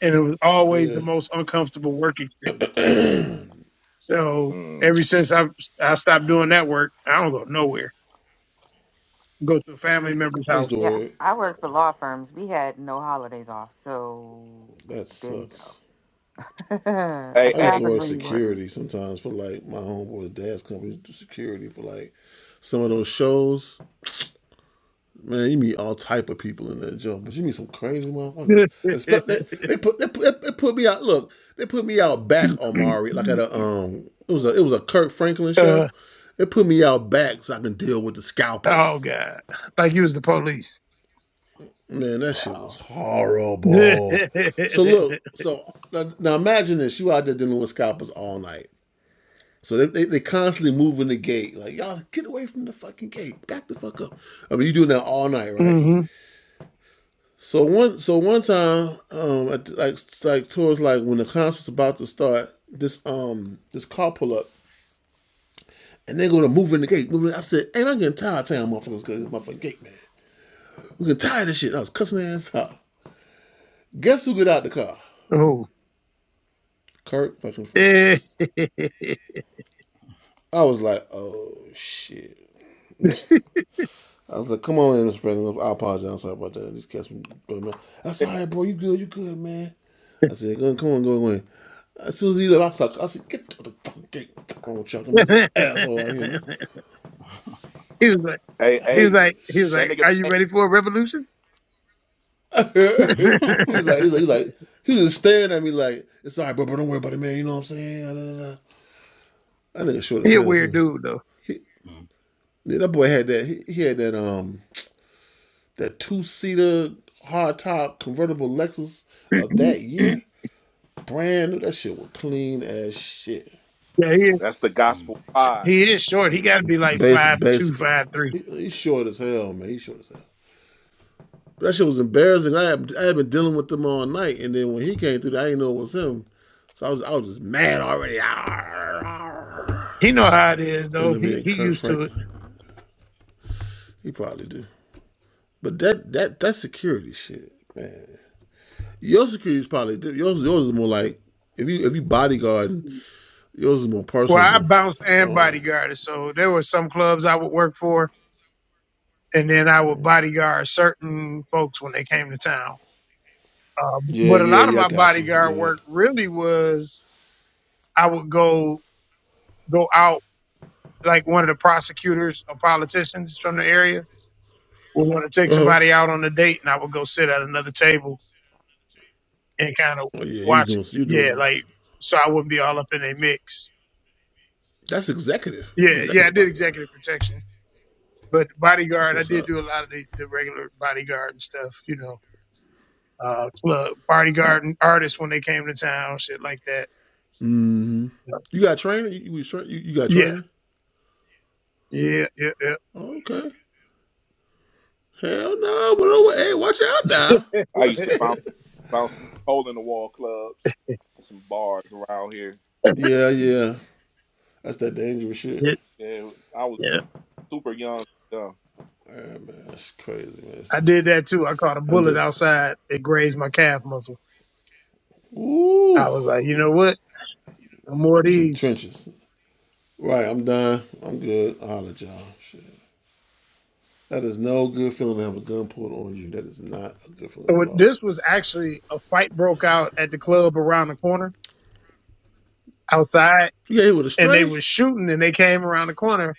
and it was always the most uncomfortable work experiences. So
Mm.
ever since I I stopped doing that work, I don't go nowhere. Go to a family member's house.
yeah, I work for law firms. We had no holidays off, so there you go. <laughs>
Hey,
That's what
hey,
happens when you work.
<laughs> uh, oh God, like you was the police.
wow.
<laughs> hmm Oh. <laughs> he was like,
hey,
he was
hey.
like, he was
That
like,
nigga,
are you ready for a revolution? <laughs> he a weird dude though.
Mm,
<clears throat> yeah, he is,
that's the
mm.
gospel
he
wise.
is short. He got to be like five two, five three. He know how it is though. He he used to it. Well, I bounced and bodyguarded. So there were some clubs I would work for, and then I would bodyguard certain folks when they came to town. Uh, but a lot of my bodyguard work really was I would go go out like one of the prosecutors or politicians from the area would want to take somebody out on a date, and I would go sit at another table and kind of watch. It. Yeah, like so I wouldn't be all up in a mix. Yeah, yeah, I did executive protection. but bodyguard, I did do a lot of the, the regular bodyguard and stuff, you know, uh, club bodyguard and artists when they came to town, shit like that. Yeah, yeah, yeah, yeah.
I used to
<laughs>
bounce. bouncing a hole in the wall clubs and some bars around here.
yeah,
And I was
yeah.
super young. young.
I did that too. I caught a bullet outside. It grazed my calf muscle. I was like, you know what? No more of these. So it- This was actually a fight broke out at the club around the corner outside, and they was shooting, and they came around the corner.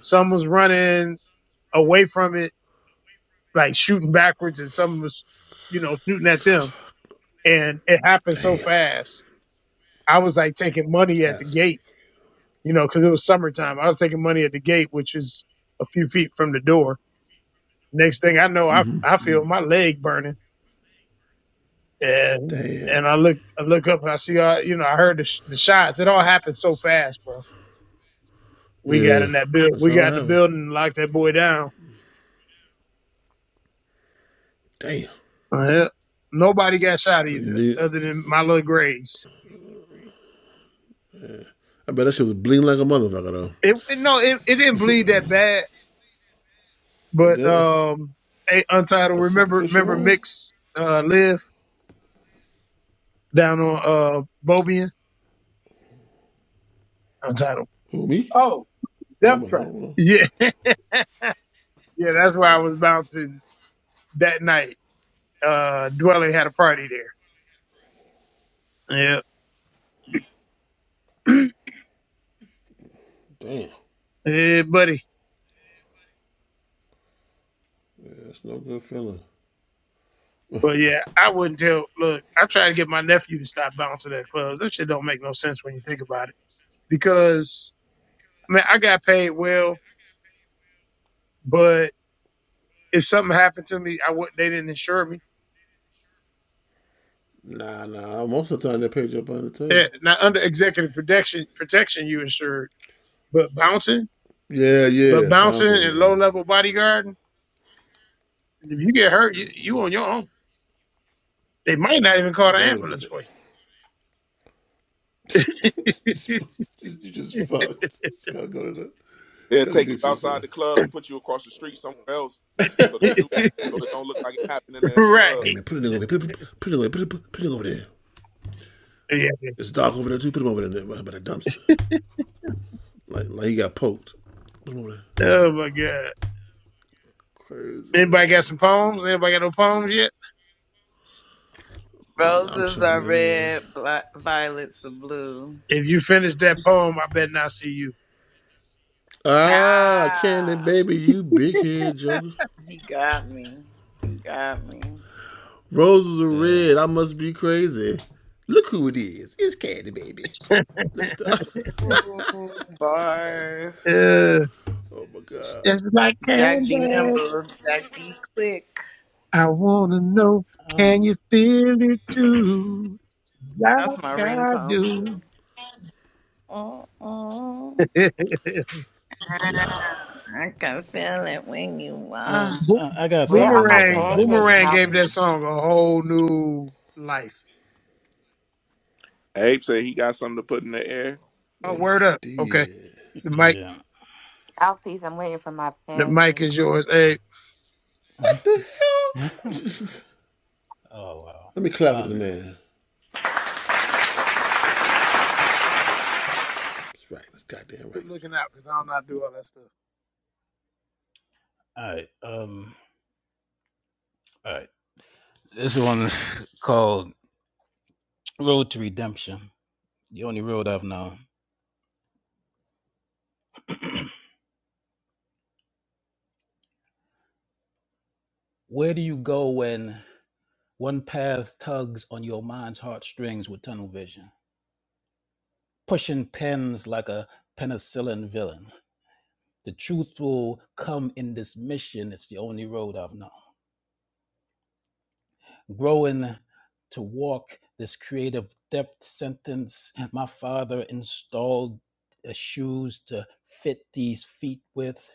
Some was running away from it like shooting backwards and someone was, you know, shooting at them. And it happened so fast. I was like taking money at the gate, you know, because it was summertime. I was taking money at the gate, which is a few feet from the door. Next thing I know, I I feel my leg burning, and and I look I look up and I see all you know I heard the, sh- the shots. It all happened so fast, bro. We got in that build. We got in the building and locked that boy down. Uh, yeah. Nobody got shot either, other than my little Grays. It, it- no, it, it didn't bleed that bad But um, a Untitled, remember remember Mix uh, Live down on uh Bobian? Untitled.
Oh, Death Trap.
Yeah, <laughs> yeah, that's where I was bouncing that night. Uh, Dwelly had a party there. Yeah, yeah, buddy. But yeah, I wouldn't tell. Look, I try to get my nephew to stop bouncing at clubs. That shit don't make no sense when you think about it. Because I mean, I got paid well, but if something happened to me, I would. They didn't insure me. Yeah, now under executive protection, protection, you insured, but bouncing. But bouncing and low level bodyguarding, if you get hurt, you, you on your own. They might not even call the ambulance for
They'll take you outside the club and put you across the street somewhere else so the
you.
shoot, so it don't look like it happened in
<laughs>
that
right.
club.
Yeah. Oh my God. Anybody got some poems? Anybody got no poems yet?
Roses are red, black, violets are blue.
If you finish that poem, I bet not see you.
ah, He got me. He got me.
Yeah.
Mm, Bars.
Uh, it's just like
Jack D
candy.
Nimble. Jack D Quick.
I wanna know,
Um,
can you feel it too? Like
That's my
I
ringtone too.
do.
Oh, mm
<laughs>
I can feel it when you
uh,
walk.
Bo-
I I got
Where
something to
are
know
my
if
Boomerang,
anybody want
pancakes,
to hear
Boomerang gave that
mouthpiece?
anything.
song a whole new life.
Abe said he got something to put in the air.
Oh, word up. Okay. The mic
Yeah.
Mouthpiece, I'm waiting for my
the mic is
pancakes.
yours. Hey,
<laughs> Oh wow. Um.
keep looking out because I don't know how to do all that stuff.
All right. Um. All right. This one is <laughs> called Road to Redemption. The only road I've known. Where do you go when one path tugs on your mind's heartstrings with tunnel vision, pushing pins like a penicillin villain? The truth will come in this mission. It's the only road I've known. growing to walk this creative depth sentence. My father installed uh, shoes to fit these feet with.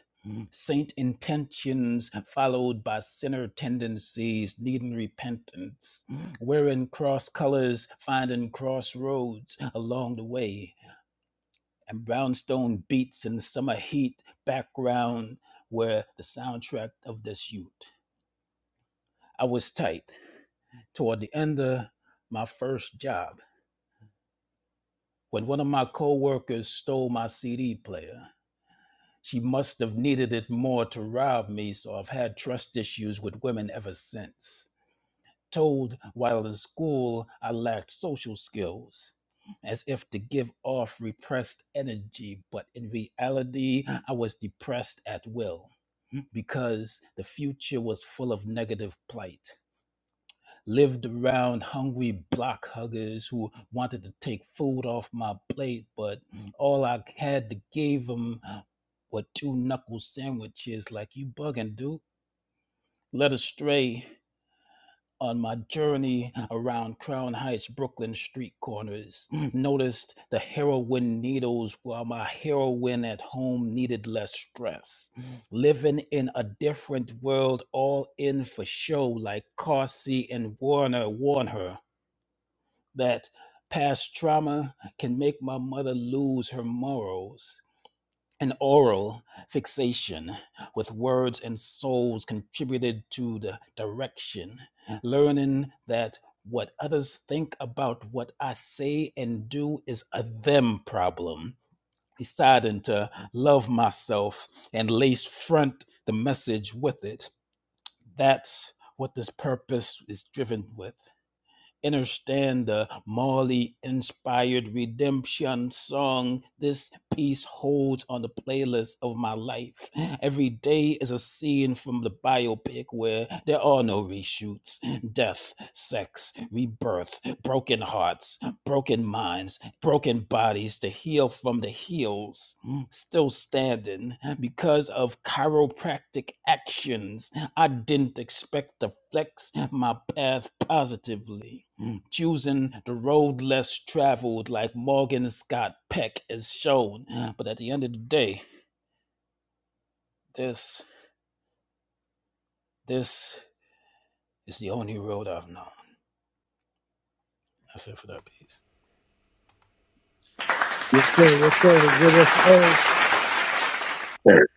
Saint intentions followed by sinner tendencies needing repentance, wearing cross colors, finding crossroads along the way, and brownstone beats in summer heat background were the soundtrack of this youth. I was tight toward the end of my first job when one of my coworkers stole my CD player. She must have needed it more to rob me, so I've had trust issues with women ever since. Told while in school I lacked social skills, as if to give off repressed energy, but in reality I was depressed at will because the future was full of negative plight. lived around hungry block huggers who wanted to take food off my plate, but all I had to give them were two knuckle sandwiches. Like you bugging, dude. Led astray on my journey around Crown Heights, Brooklyn street corners, <clears throat> noticed the heroin needles while my heroin at home needed less stress. <clears throat> Living in a different world, all in for show, like Carsey and Warner warn her that past trauma can make my mother lose her morals. An oral fixation with words and souls contributed to the direction, learning that what others think about what I say and do is a them problem. Deciding to love myself and lace front the message with it. That's what this purpose is driven with understand the Marley inspired redemption song this piece holds on the playlist of my life. Every day is a scene from the biopic where there are no reshoots death, sex, rebirth, broken hearts, broken minds, broken bodies to heal from the heels. Still standing because of chiropractic actions. I didn't expect to flex my path positively choosing the road less traveled, like Morgan Scott Peck has shown. But at the end of the day, this this is the only road I've known. That's it for that piece.
Yes, sir. Yes, sir. Give us a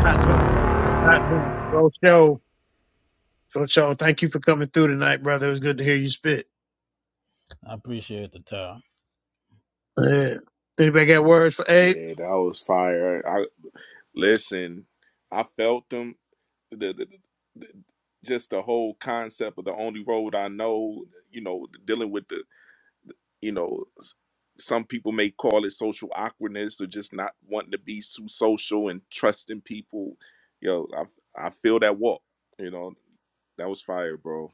hot joint right there. Hot joint. Go show. Go show. Thank you for coming through tonight, brother. It was good to hear you spit.
I appreciate the time.
Yeah. Anybody got words for Abe?
Yeah, that was fire. I listen. I felt them. The, the, the, just the whole concept of the only road I know. You know, dealing with the you know s- some people may call it social awkwardness or just not wanting to be too social and trusting people yo i i feel that walk you know that was fire bro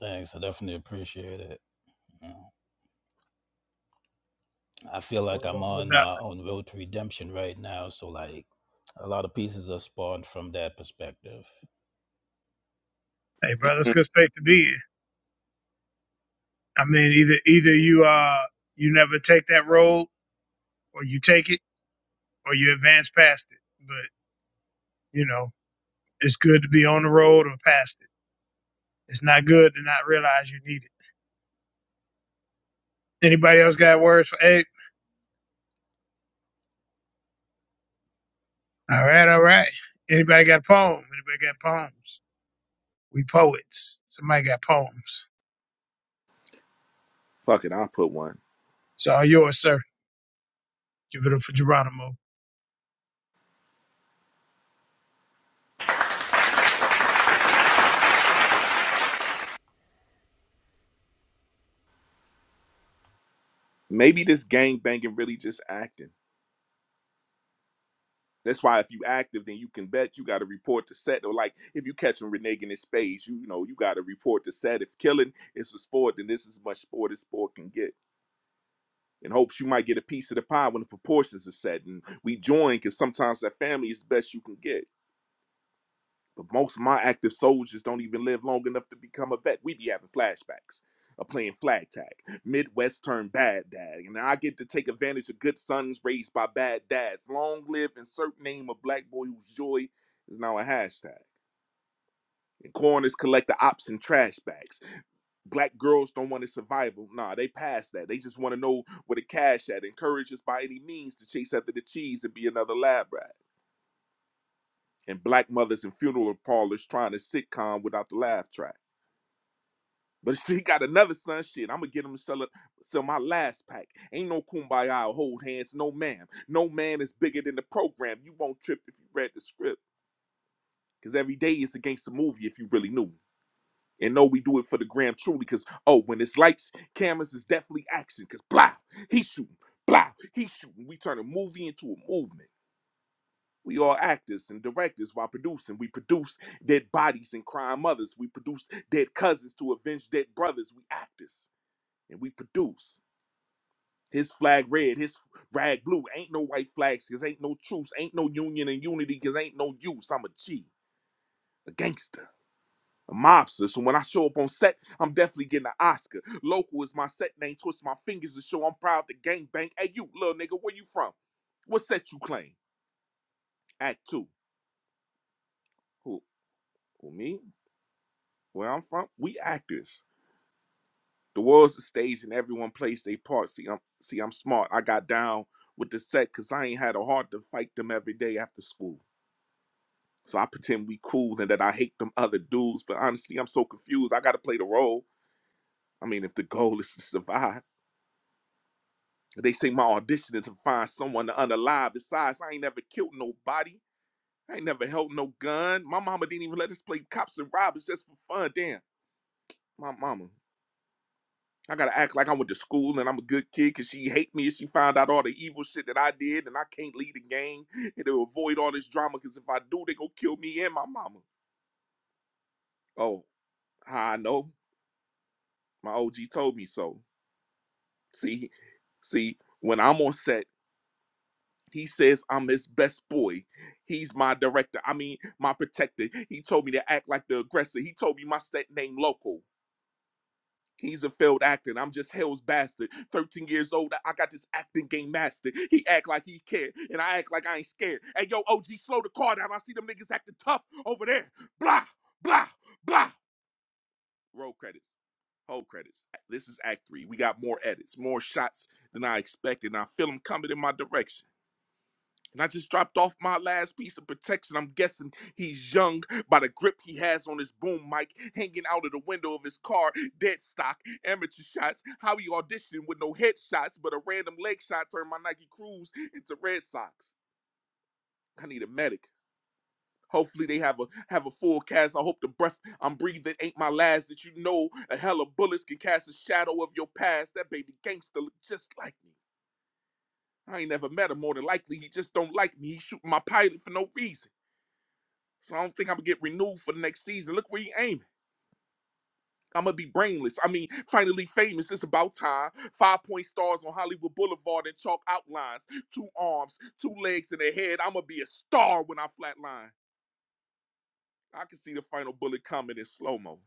Thanks. I definitely appreciate it. Mm. I feel
Word
like I'm
up, word
on
up.
my own road to redemption right now. So like a lot of pieces are spawned from that perspective.
Hey, brother, it's a good space to be in. I mean, either either you uh you never take that road, or you take it, or you advance past it. But you know, it's good to be on the road or past it. It's not good to not realize you need it. Anybody else got words for eight? All right, all right. Anybody got poem? Anybody got poems? We poets. Somebody got poems.
fuck it i'll put one
It's all yours, sir. Give it up for Geronimo.
maybe this gang banging really just acting that's why if you active then you can bet you got to report the set or like if you catch him reneging in space you, know you got to report the set if killing is a sport then this is as much sport as sport can get in hopes you might get a piece of the pie when the proportions are set. And we join because sometimes that family is best you can get. But most of my active soldiers don't even live long enough to become a vet. We be having flashbacks of playing flag tag, Midwest turned bad dad. And I get to take advantage of good sons raised by bad dads. Long live insert name of black boy whose joy is now a hashtag. And coroners collect the ops and trash bags black girls don't want to survival. Nah, they past that. They just want to know where the cash at. Encourage us by any means to chase after the cheese and be another lab rat. And black mothers in funeral parlors trying to sitcom without the laugh track. But <laughs> she got another son. Shit, I'm gonna get him to sell it, sell my last pack. Ain't no kumbaya or hold hands, no ma'am. No man is bigger than the program. You won't trip if you read the script. Cause every day is a gangster movie if you really knew. and know we do it for the gram truly because oh when it's lights cameras is definitely action because blah he shooting blah he shooting we turn a movie into a movement we all actors and directors while producing we produce dead bodies and crime mothers we produce dead cousins to avenge dead brothers we actors and we produce his flag red his rag blue ain't no white flags because ain't no truce ain't no union and unity because ain't no use i'm a g a gangster a mobster. So when I show up on set, I'm definitely getting an Oscar. Local is my set name. Twist my fingers to show I'm proud to gang bang. Hey, you little nigga, where you from? What set you claim? Act two. Who? Who me? Where I'm from? We actors. The world's a stage and everyone plays their part. See, I'm see, I'm smart. I got down with the set because I ain't had a heart to fight them every day after school. So I pretend we cool and that I hate them other dudes. But honestly, I'm so confused. I gotta play the role. I mean, if the goal is to survive. They say my audition is to find someone to unalive. Besides, I ain't never killed nobody. I ain't never held no gun. My mama didn't even let us play cops and robbers just for fun. Damn, my mama. I gotta act like I went to school and I'm a good kid because she hate me if she found out all the evil shit that I did and I can't lead a gang and to avoid all this drama because if I do, they gonna kill me and my mama. Oh, how I know? My OG told me so. See, see, when I'm on set, He says I'm his best boy. He's my director. I mean, my protector. He told me to act like the aggressor. He told me my set name local. He's a failed actor. I'm just hell's bastard. 13 years old. I got this acting game mastered. He act like he care, and I act like I ain't scared. Hey, yo, OG, slow the car down. I see them niggas acting tough over there. Blah, blah, blah. Roll credits. Whole credits. This is Act Three. We got more edits, more shots than I expected, and I feel them coming in my direction. And I just dropped off my last piece of protection. I'm guessing he's young by the grip he has on his boom mic, hanging out of the window of his car, dead stock, amateur shots. How he auditioned with no headshots, but a random leg shot turned my Nike Cruise into Red Sox. I need a medic. Hopefully they have a have a full cast. I hope the breath I'm breathing ain't my last. That you know a hell of bullets can cast a shadow of your past. That baby gangster look just like me. I ain't never met him. More than likely, he just don't like me. He shooting my pilot for no reason. So I don't think I'm gonna get renewed for the next season. Look where he aiming. I'm gonna be brainless. I mean, finally famous. It's about time. Five point stars on Hollywood Boulevard and chalk outlines. Two arms, two legs, and a head. I'm gonna be a star when I flatline. I can see the final bullet coming in slow mo.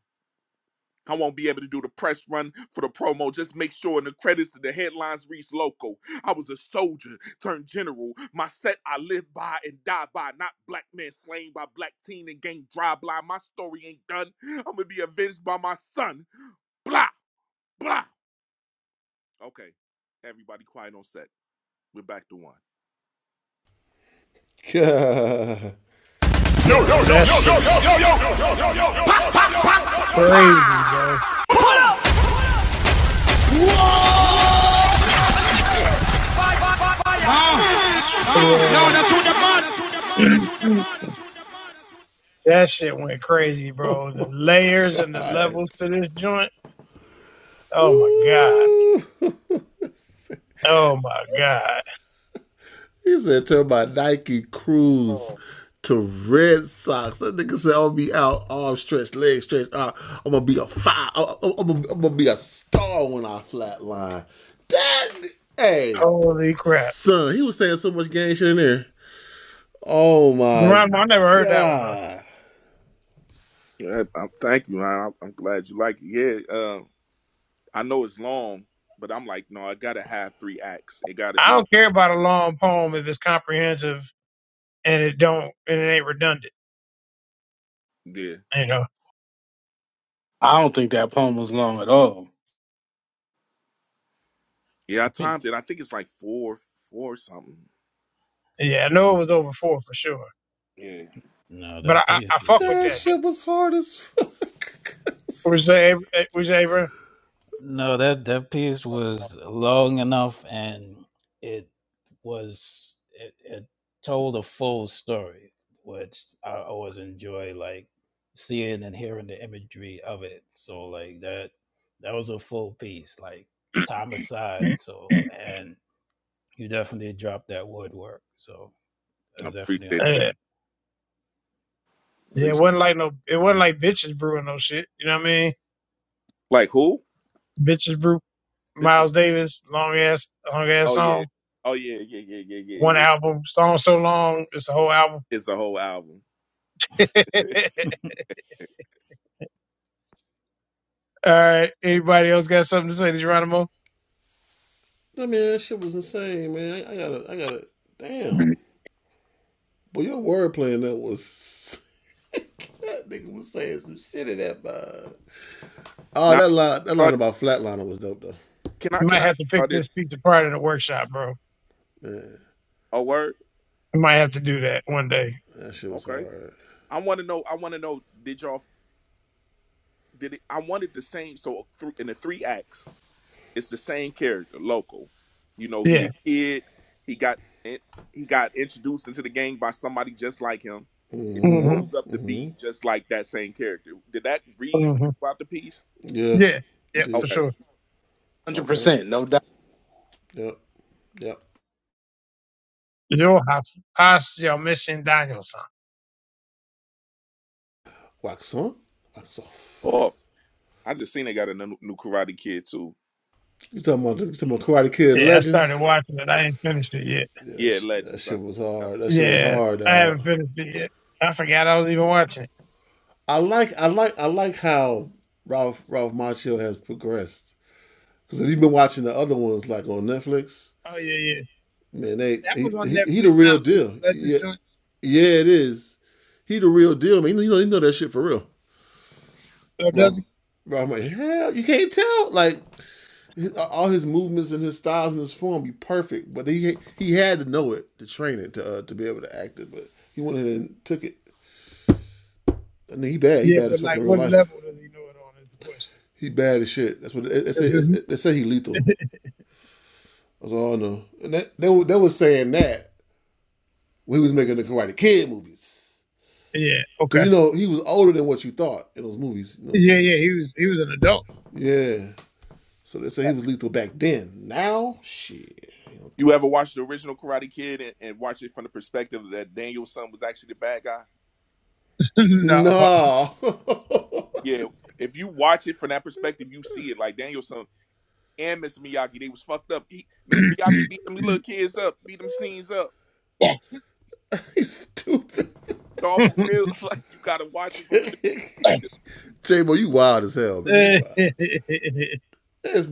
I won't be able to do the press run for the promo. Just make sure in the credits and the headlines reads local. I was a soldier turned general. My set I live by and die by. Not black men slain by black teen and gang drive blind. My story ain't done. I'm gonna be avenged by my son. Blah blah. Okay, everybody quiet on set. We're back to one.
Yo, yo,
Yo,
yo,
that
yo, yo,
shit
yo,
went
yo, yo, yo, yo, yo, yo. Pa, pa, pa,
crazy, bro.
pa. Oh, oh, no,
Yeah.
that's who the mud.
<clears throat> that shit went crazy, bro. The layers and the levels to this joint. Oh my God. Oh my God.
Oh,
Holy crap. Geronimo, I never heard that one, bro.
Yeah, I, I, thank you. I, I'm glad you like it. Yeah, uh, I know it's long, but I'm like, no, I gotta have three acts. It gotta
I
be.
don't care about a long poem if it's comprehensive and it don't and it ain't redundant.
yeah.
You know,
I don't think that poem was long at all. one
Yeah, I
That piece.
timed it. I think it's like four, four something.
yeah, I know it was over four for sure,
Yeah,
No,
but I
that
I, I
piece is
fuck with
just
that.
about.
though. Was that was ever?
No, that that piece was long enough, and it was it, it told a full story, which I always enjoy, like seeing and hearing the imagery of it. So like that that was a full piece, like time aside.
Yeah,
So and you definitely dropped that woodwork. So it
I
was definitely on
appreciate that.
yeah. It
appreciate.
wasn't like no. It wasn't like bitches brewing no shit. You know what I mean?
Like who?
Bitches brew.
Bitches.
Miles Davis, long ass, long ass
Oh yeah.
song.
Oh yeah. Yeah. Yeah. Yeah.
One
Yeah. Yeah.
album, song so long, it's a whole album.
It's a whole album.
<laughs>
point. <laughs>
All right. Anybody else got something to say, Geronimo?
Now, uh, can I?
You
Can
might
I?
have to pick
Uh, this
this piece apart in a workshop, bro.
a word?
You might have to do that one day.
Okay. I want to know. I want to know. Did y'all? Did it? I wanted the same. So three in the three acts. it's the same character, local. You know, he
Yeah.
a kid. He got in- he got introduced into the gang by somebody just like him. It
hmm
grows up to be just like that same character. Did that read
hmm
about the piece?
Yeah. Yeah, for
Okay,
sure.
Hundred
okay.
percent, no doubt.
You have passed your mission, Daniel song.
Oh, I just seen they got a new, new Karate Kid too.
Yeah, I started watching it. I ain't finished it yet.
Yeah, Legends. I,
Yeah, I haven't finished it yet. I forgot I was even watching it. Oh yeah, yeah. That was on Netflix now too. The Legends joint. So does he? Yeah, but like, what level does he know it on is the question. 'Cause his- <laughs> yeah. Okay. Yeah, yeah. He was he was an adult.
uh, you ever watched the original Karate Kid and, and watch it from the perspective that Daniel's son was actually the bad guy?
<laughs> no.
Yeah, if you watch it from that perspective, you see it like Danielson. and Mr. Miyagi. They was fucked up. He, Mr. Miyagi beat them little kids up, beat them teens up. No, for real. <laughs> Like you gotta watch it from a different perspective.
<laughs>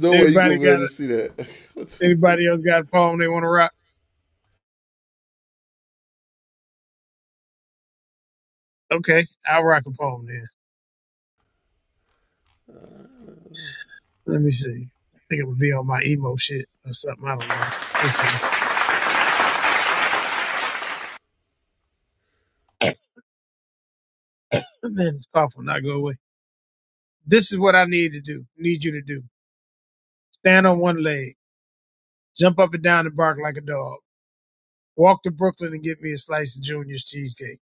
Everybody got a, anybody else got a poem they want to rock? Okay, I'll rock a poem Let me see. I think it would be on my emo shit or something. I don't know. Let's see. Oh, Man, this cough will not go away. This is what I need to do. Need you to do. Stand on one leg. Jump up and down and bark like a dog. Walk to Brooklyn and get me a slice of Junior's cheesecake.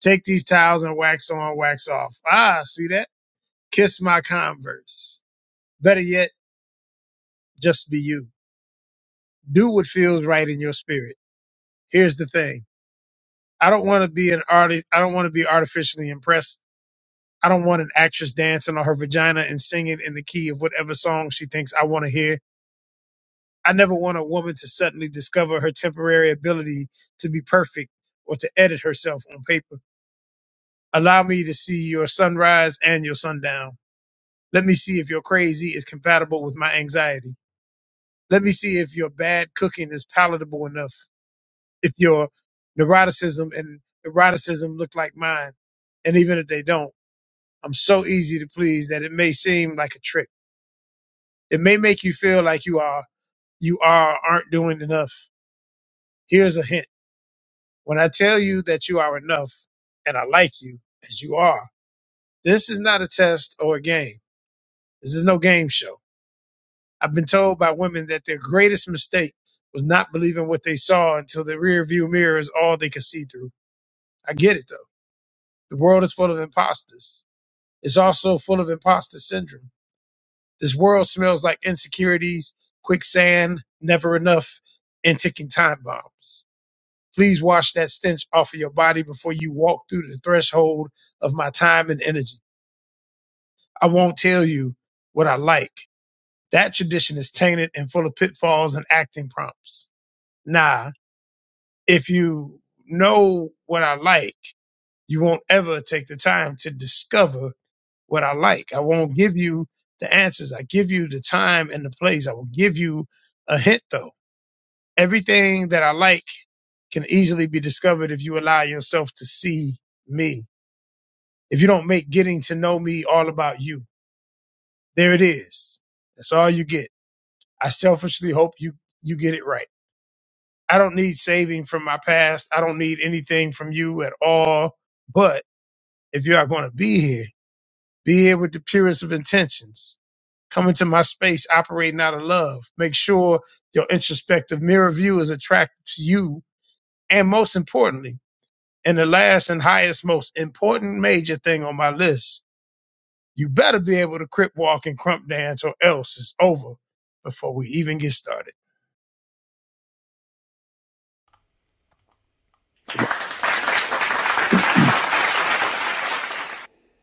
Take these towels and wax on, wax off. Ah, see that? Kiss my converse. Better yet, just be you. Do what feels right in your spirit. Here's the thing. I don't want to be an arti- I don't want to be artificially impressed I don't want an actress dancing on her vagina and singing in the key of whatever song she thinks I want to hear. I never want a woman to suddenly discover her temporary ability to be perfect or to edit herself on paper. Allow me to see your sunrise and your sundown. Let me see if your crazy is compatible with my anxiety. Let me see if your bad cooking is palatable enough, if your neuroticism and eroticism look like mine. And even if they don't, I'm so easy to please that it may seem like a trick. It may make you feel like you are you are or aren't doing enough. Here's a hint. When I tell you that you are enough and I like you as you are, this is not a test or a game. This is no game show. I've been told by women that their greatest mistake was not believing what they saw until the rear view mirror is all they could see through. I get it though. The world is full of imposters. It's also full of imposter syndrome. This world smells like insecurities, quicksand, never enough, and ticking time bombs. Please wash that stench off of your body before you walk through the threshold of my time and energy. I won't tell you what I like. That tradition is tainted and full of pitfalls and acting prompts. Nah, if you know what I like, you won't ever take the time to discover what I like. I won't give you the answers. I give you the time and the place. I will give you a hint though. Everything that I like can easily be discovered if you allow yourself to see me. if you don't make getting to know me all about you. There it is. That's all you get. I selfishly hope you you get it right. I don't need saving from my past. I don't need anything from you at all. But if you are going to be here, be here with the purest of intentions. Come into my space operating out of love. Make sure your introspective mirror view is attracted to you. And most importantly, and the last and highest, most important major thing on my list You better be able to crip walk and crump dance or else it's over before we even get started.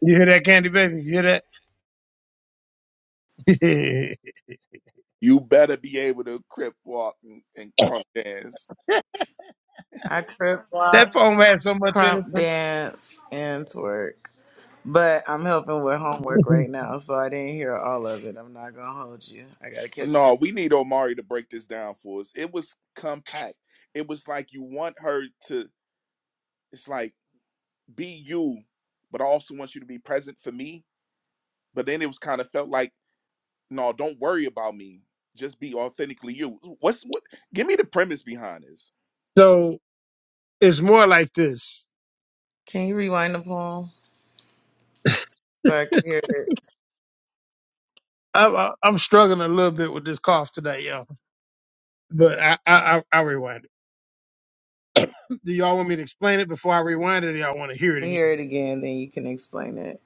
You hear that, Candy Baby? You hear that? <laughs>
You better be able to crip walk and, and crunk dance.
I trip,
that
walk,
poem had so much in
crump
it.
dance, and twerk. But I'm helping with homework
<laughs>
right now, so I didn't hear all of it. I'm not gonna hold you. I gotta catch you.
No, we need Omari to break this down for us. It was compact. It was like you want her to. It's like be you, but I also want you to be present for me. But then it was kind of felt like no, don't worry about me. Just be authentically you. What's what? Give me the premise behind this.
so it's more like this.
Can you rewind the poem so I can hear it?
<laughs> I'm, I- I'm struggling a little bit with this cough today, y'all. But I, I, I, I'll rewind it. Do y'all want me to explain it before I rewind it? Or y'all want to hear it again?
Hear it again, then you can explain it.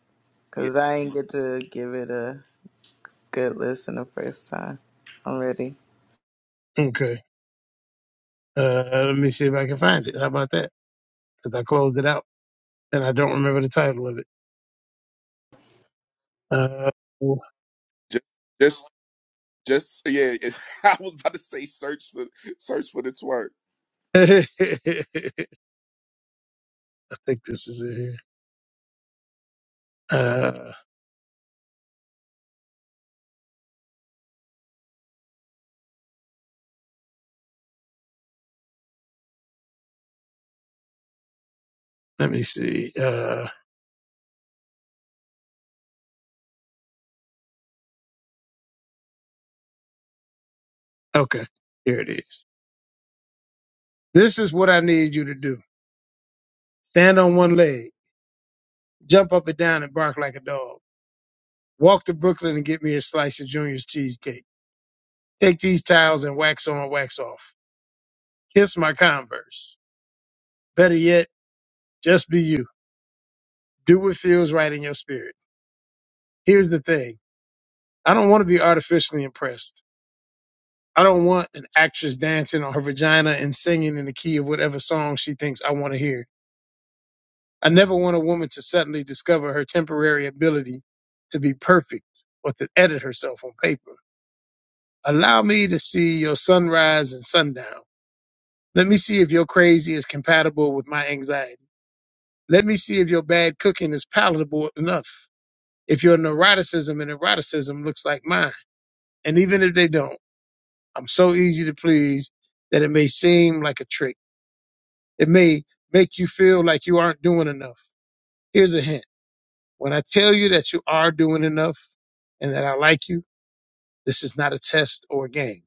Yeah,
Cause I ain't get to give it a. good listen the first time. I'm ready.
Okay. Uh, let me see if I can find it. How about that? Because I closed it out and I don't remember the title of it.
just. just Just yeah, it's, <laughs> I was about to say search for search for the twerk.
Uh, <laughs> I think this is it here. Uh, let me see. Uh, okay, here it is. This is what I need you to do. Stand on one leg, jump up and down and bark like a dog. Walk to Brooklyn and get me a slice of Junior's cheesecake. Take these towels and wax on, wax off. Kiss my Converse. Better yet, just be you. Do what feels right in your spirit. Here's the thing. I don't want to be artificially impressed. I don't want an actress dancing on her vagina and singing in the key of whatever song she thinks I want to hear. I never want a woman to suddenly discover her temporary ability to be perfect or to edit herself on paper. Allow me to see your sunrise and sundown. Let me see if your crazy is compatible with my anxiety. Let me see if your bad cooking is palatable enough. If your neuroticism and eroticism looks like mine. And even if they don't, I'm so easy to please that it may seem like a trick. It may make you feel like you aren't doing enough. Here's a hint When I tell you that you are doing enough and that I like you, this is not a test or a game.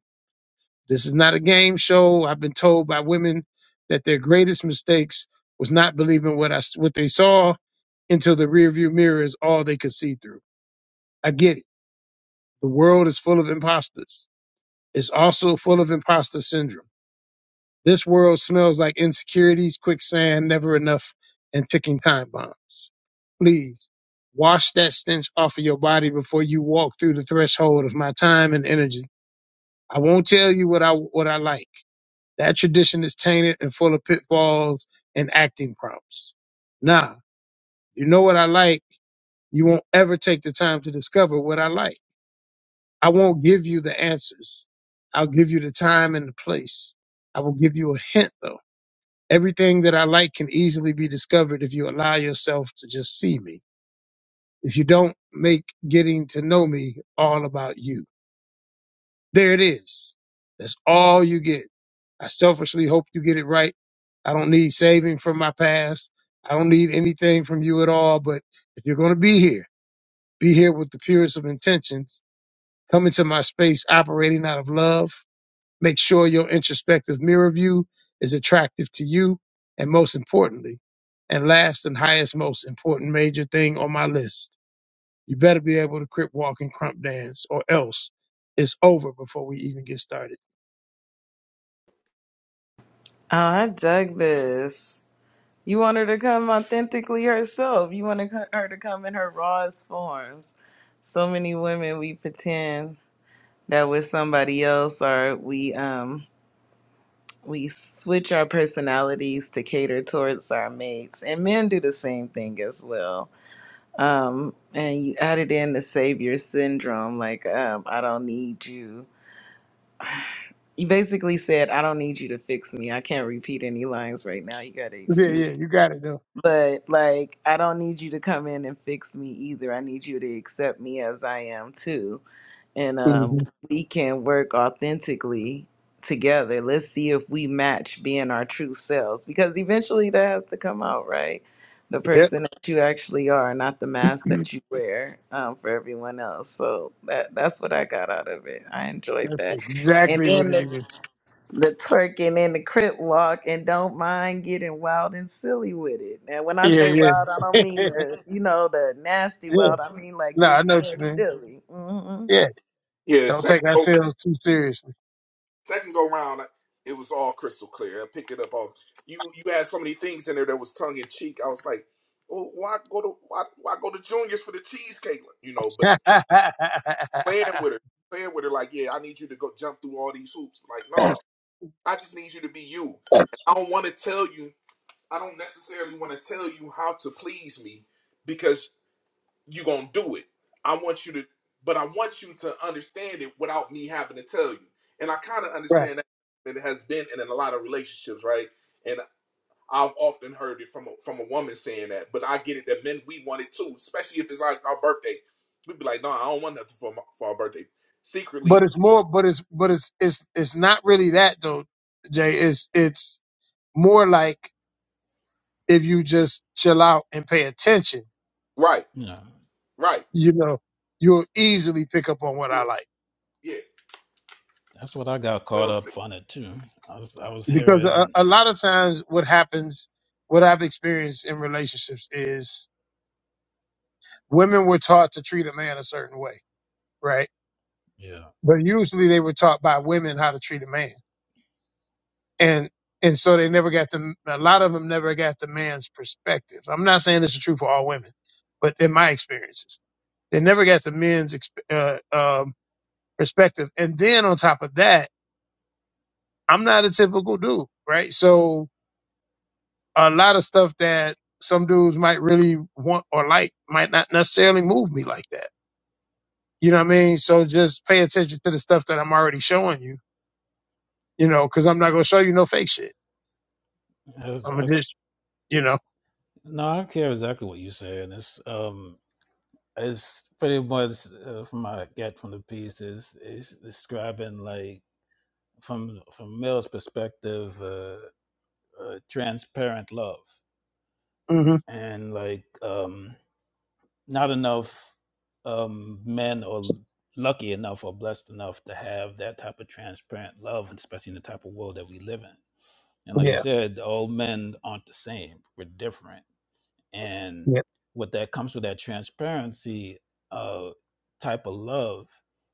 This is not a game show. I've been told by women that their greatest mistakes was not believing what I what they saw until the rearview mirror is all they could see through. I get it. The world is full of imposters. It's also full of imposter syndrome. This world smells like insecurities, quicksand, never enough, and ticking time bombs. Please wash that stench off of your body before you walk through the threshold of my time and energy. I won't tell you what I what I like. That tradition is tainted and full of pitfalls and acting prompts. Nah, you know what I like. You won't ever take the time to discover what I like. I won't give you the answers. I'll give you the time and the place. I will give you a hint though Everything that I like can easily be discovered if you allow yourself to just see me. If you don't make getting to know me all about you. There it is. That's all you get. I selfishly hope you get it right. I don't need saving from my past. I don't need anything from you at all. But if you're going to be here, be here with the purest of intentions. Come into my space operating out of love Make sure your introspective mirror view is attractive to you. And most importantly, and last and highest most important major thing on my list, you better be able to crip walk and crump dance or else it's over before we even get started.
Oh, I dug this. You want her to come authentically herself. You want to co- her to come in her rawest forms. So many women we pretend that we're somebody else, or we um we switch our personalities to cater towards our mates, and men do the same thing as well. Um, and you added in the savior syndrome, like um, I don't need you you basically said, I don't need you to fix me. I can't repeat any lines right now. You got to
Yeah,
excuse.
yeah, you got it though.
But like, I don't need you to come in and fix me either. I need you to accept me as I am too. And um,
hmm
we can work authentically together. Let's see if we match being our true selves because eventually that has to come out, right? The
Yep.
person that you actually are, not the mask
<clears throat>
that you wear um, for everyone else. So that that's what I got out of it. I enjoyed
That's
that. And
exactly what
then
it
the
is.
the twerking and the crip walk and don't mind getting wild and silly with it. Now, when I
Yeah,
say
yeah,
wild, I don't mean
yeah.
the, you know, the nasty
yeah.
wild. I mean like
No, I
just
know what you
being
mean.
silly. hmm
Yeah,
Yeah,
don't
second
take
go,
ourselves too seriously.
second go round, it was all crystal clear. I pick it up all. You you had so many things in there that was tongue in cheek. I was like, oh, why go to why, why go to juniors for the cheesecake? You know, but
<laughs>
playing with her, playing with her, like, yeah, I need you to go jump through all these hoops. Like, no,
right.
I just need you to be you. And I don't want to tell you. I don't necessarily want to tell you how to please me because. you gonna do it. I want you to, but I want you to understand it without me having to tell you. And I kind of understand that and it has been in a lot of relationships, right? And I've often heard it from a, from a woman saying that, but I get it that men we want it too, especially if it's like our birthday. We'd be like, no, I don't want nothing for my, for our birthday.
but
Secretly,
it's more but it's but it's it's it's not really that though jay it's it's more like if you just chill out and pay attention
right,
Yeah,
right,
you know you'll easily pick up on what i
you,
like
yeah.
that's what I got caught
Well, see,
up on it too. I was I was
because a,
hearing
a lot of times what happens what i've experienced in relationships is women were taught to treat a man a certain way right
yeah,
but usually they were taught by women how to treat a man and and so they never got the a lot of them never got the man's perspective. I'm not saying this is true for all women, but in my experiences, they never got the men's exp- uh, um, perspective. And then on top of that, I'm not a typical dude, right? So a lot of stuff that some dudes might really want or like might not necessarily move me like that. You know what I mean? So just pay attention to the stuff that I'm already showing you, you know, because I'm not gonna show you no fake shit.
I, was,
I'm gonna
I
just, you know,
No, I don't care exactly what you said. It's um, it's pretty much uh, from what I get from the piece is is describing like from from male's perspective, uh, uh, transparent love,
hmm
and like um, not enough um men are lucky enough or blessed enough to have that type of transparent love, especially in the type of world that we live in. And like you
yeah,
said, all men aren't the same. We're different and
yeah,
what that comes with that transparency uh type of love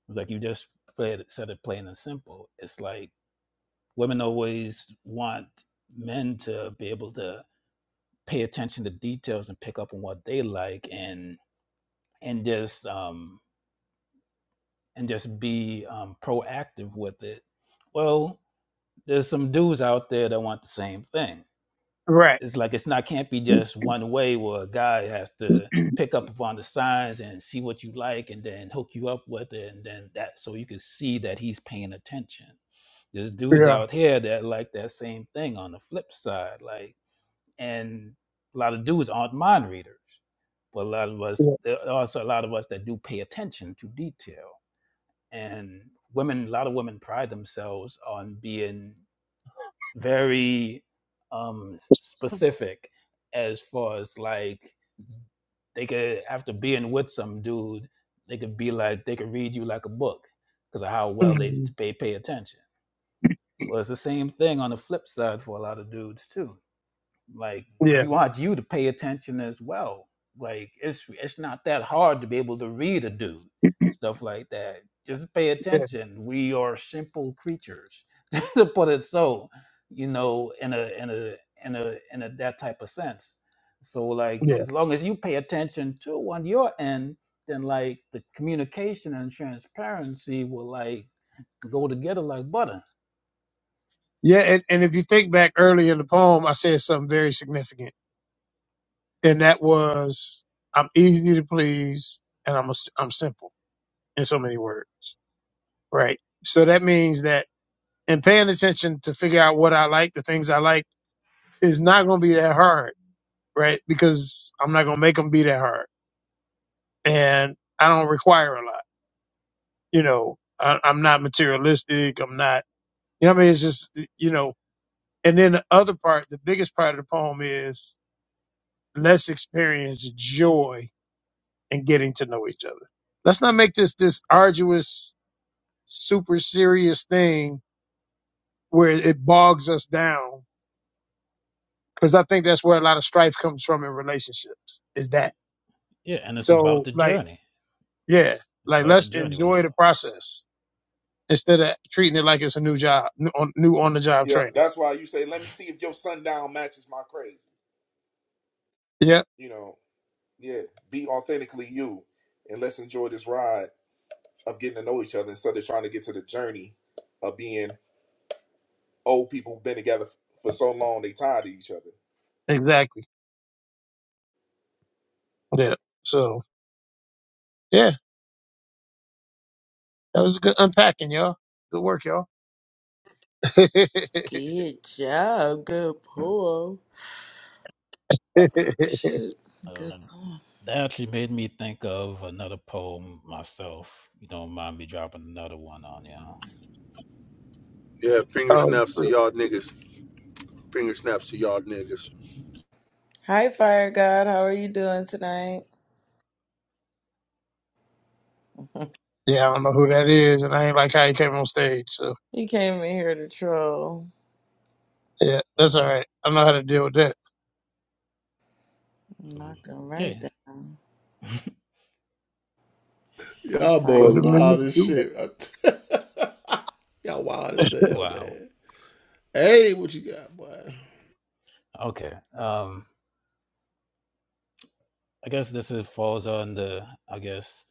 like you just played, said it plain and simple it's like women always want men to be able to pay attention to details and pick up on what they like and and just um and just be um proactive with it well there's some dudes out there that want the same thing
right.
it's like it's not can't be just one way where a guy has to pick up upon the signs and see what you like and then hook you up with it and then that so you can see that he's paying attention there's dudes
Yeah.
out here that like that same thing on the flip side like and a lot of dudes aren't mind readers but a lot of us
Yeah.
there are also a lot of us that do pay attention to detail and women a lot of women pride themselves on being very um specific as far as like they could after being with some dude they could be like they could read you like a book because of how well they,
Mhm.
pay pay attention well it's the same thing on the flip side for a lot of dudes too like
Yeah.
we want you to pay attention as well like it's it's not that hard to be able to read a dude and stuff like that just pay
Yeah.
attention we are simple creatures <laughs> to put it so you know in a in a in a in a that type of sense so like
Yeah.
as long as you pay attention to on your end then like the communication and transparency will like go together like butter
Yeah. And, and if you think back early in the poem, I said something very significant. And that was, I'm easy to please and I'm, a, s I'm simple in so many words. Right. So that means that in paying attention to figure out what I like, the things I like is not going to be that hard. Right. Because I'm not going to make them be that hard. And I don't require a lot. You know, I, I'm not materialistic. I'm not, you know, what I mean, it's just, you know, And then the other part, the biggest part of the poem is let's experience joy in getting to know each other. Let's not make this this arduous, super serious thing where it bogs us down. Cause I think that's where a lot of strife comes from in relationships is that.
Y- yeah and it's about
So
the
like,
journey
yeah,
it's
like
about the
let's
journey with
enjoy the
love
process instead of treating it like it's a new job, new on, new on the job
yeah,
training.
that's why you say, let me see if your sundown matches my crazy.
Yeah,
You know, yeah, be authentically you, and let's enjoy this ride of getting to know each other instead of trying to get to the journey of being old people who've been together for so long they tired of each other.
exactly. Yeah. So yeah, that was a good unpacking, y'all. Good work, y'all. <laughs> um,
Good job. Good pull. Shoot. Good
Um,
poem.
that actually made me think of another poem myself. You don't mind me dropping another one on you. huh?
Yeah, finger snaps to y'all niggas. Finger snaps to y'all niggas.
Hi, Fire God. How are you doing tonight? <laughs>
yeah, I don't know who that is, and I ain't like how he came on stage. So
He came in here to troll.
yeah,
Oh,
that's all
wow.
right. I know how to deal with that.
Knocked him right
Okay.
down.
<laughs>
I'll find
Put
a
him in the queue.
Wow. Okay. Um, I guess this is, falls on the, I guess,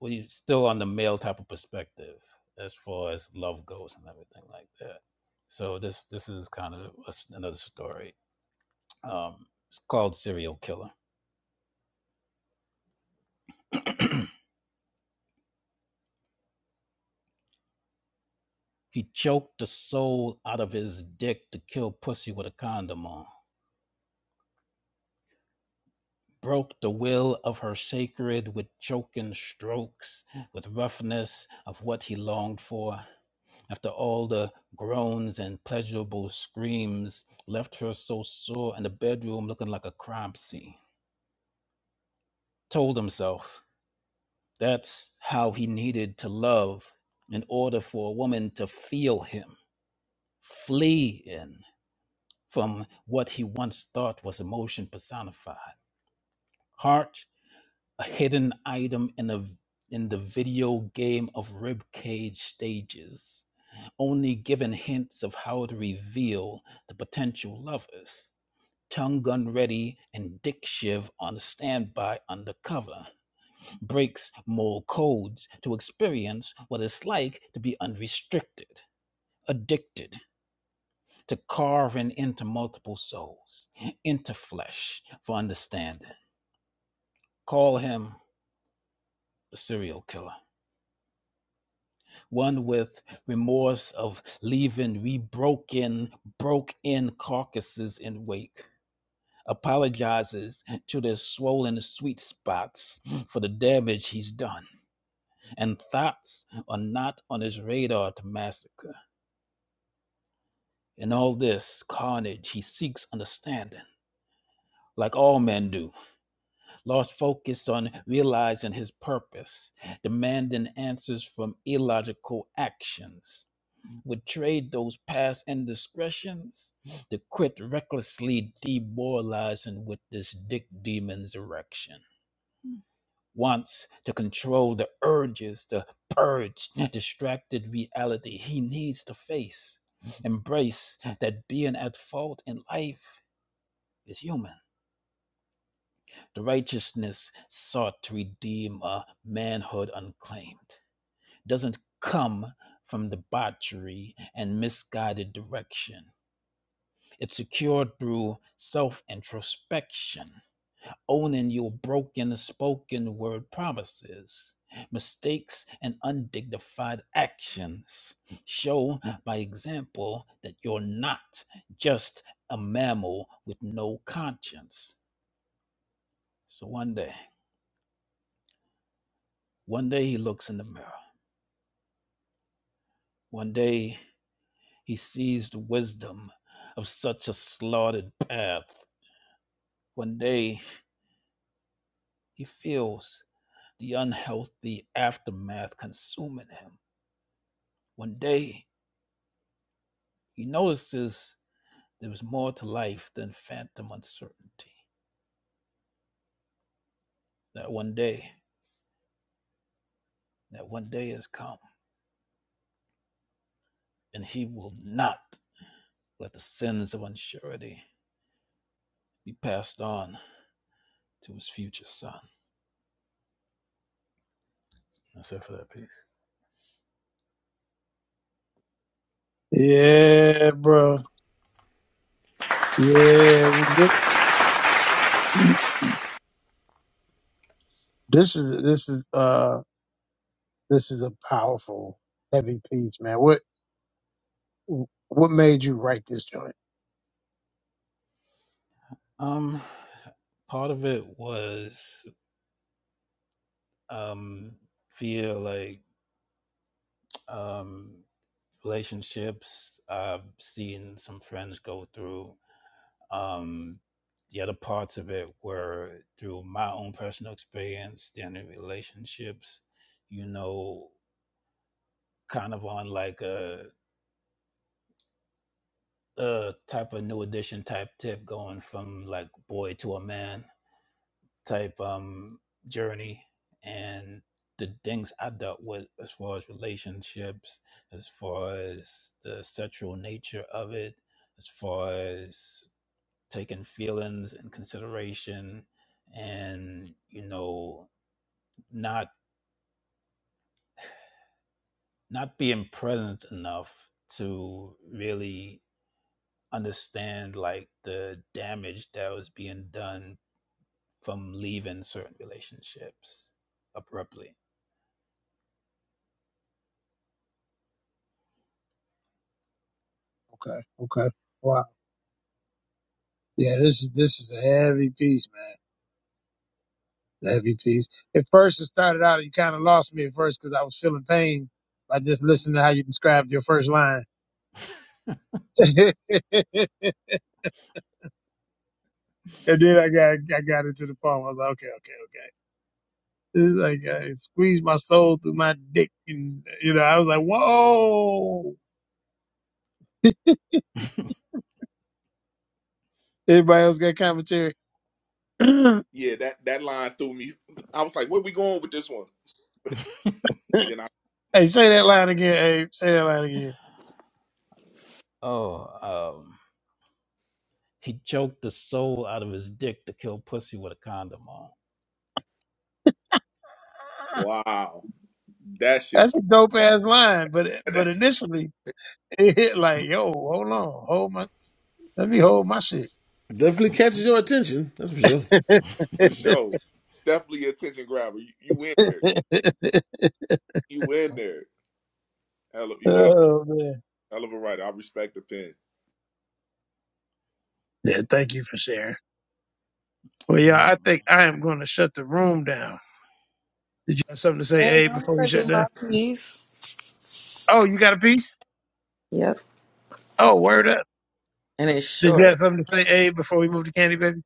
well, you're still on the male type of perspective as far as love goes and everything like that. So this this is kind of another story. Um, it's called Serial Killer. He choked the soul out of his dick to kill pussy with a condom on. Broke the will of her sacred with choking strokes, with roughness of what he longed for. After all the groans and pleasurable screams, left her so sore in the bedroom looking like a crime scene told himself that's how he needed to love in order for a woman to feel him, flee in from what he once thought was emotion personified. Heart, a hidden item in a in the video game of ribcage stages, only given hints of how to reveal the potential lovers. Tongue gun ready and dick shiv on standby undercover breaks moral codes to experience what it's like to be unrestricted, addicted to carving into multiple souls, into flesh for understanding. Call him a serial killer, one with remorse of leaving rebroken, broke in carcasses in wake. Apologizes to their swollen sweet spots for the damage he's done, and thoughts are not on his radar to massacre In all this carnage, he seeks understanding, like all men do, lost focus on realizing his purpose, demanding answers from illogical actions, would trade those past indiscretions to quit recklessly demoralizing with this dick demon's erection. Wants to control the urges to purge distracted reality he needs to face embrace that being at fault in life is human. The righteousness sought to redeem a manhood unclaimed doesn't come from debauchery and misguided direction. It's secured through self introspection, owning your broken spoken word promises, mistakes, and undignified actions. Show by example that you're not just a mammal with no conscience. So one day. One day he looks in the mirror. One day he sees the wisdom of such a slaughtered path. One day he feels the unhealthy aftermath consuming him. One day he notices there is more to life than phantom uncertainty. That one day, that one day has come, and he will not let the sins of unsurety be passed on to his future son. That's it for that piece.
Yeah, bro. Yeah, we- this is this is uh this is a powerful heavy piece, man. What what made you write this joint?
Um, part of it was um via like um relationships. I've seen some friends go through. Um, the other parts of it were through my own personal experience, then in relationships. You know, kind of on like a a type of new edition type tip, going from like boy to a man. type um journey and the things I dealt with as far as relationships, as far as the sexual nature of it, as far as taking feelings in consideration and you know not not being present enough to really understand like the damage that was being done from leaving certain relationships abruptly.
Okay, okay. Wow. Yeah, this is this is a heavy piece, man. Love you, peace. At first, it started out, you kind of lost me at first because I was feeling pain by just listening to how you described your first line. <laughs> and then I got I got into the poem. I was like, okay, okay, okay. It's like uh, it squeezed my soul through my dick, and you know, I was like, whoa. Everybody else got commentary. <clears throat> hey,
Yeah, that that line threw me. I was like, where we going with this one?
<laughs>
Then I
say that line again. Abe. say that line again.
Oh, um, he choked the soul out of his dick to kill pussy with a condom on.
<laughs>
wow, that shit
That's a dope ass line, but
<laughs>
but
that's
initially <laughs> it hit like,
<laughs>
yo, hold on, hold my, let me hold my shit. <laughs>
for sure. Definitely attention grabber. You, you in there. You in there. Hell of, you a hell,
oh man.
hell of a writer. I respect the pen.
Yeah, thank you for sharing. Well, yeah,
no,
I think I am going to shut the room down. Did you have something to say,
Hey, I'm
Abe, before we
gonna
shut
do my
down?
piece.
Oh, you got a piece?
Yep.
Oh, word up.
And it's
Did you have
short.
something to say, Abe, before we move to Candy Baby?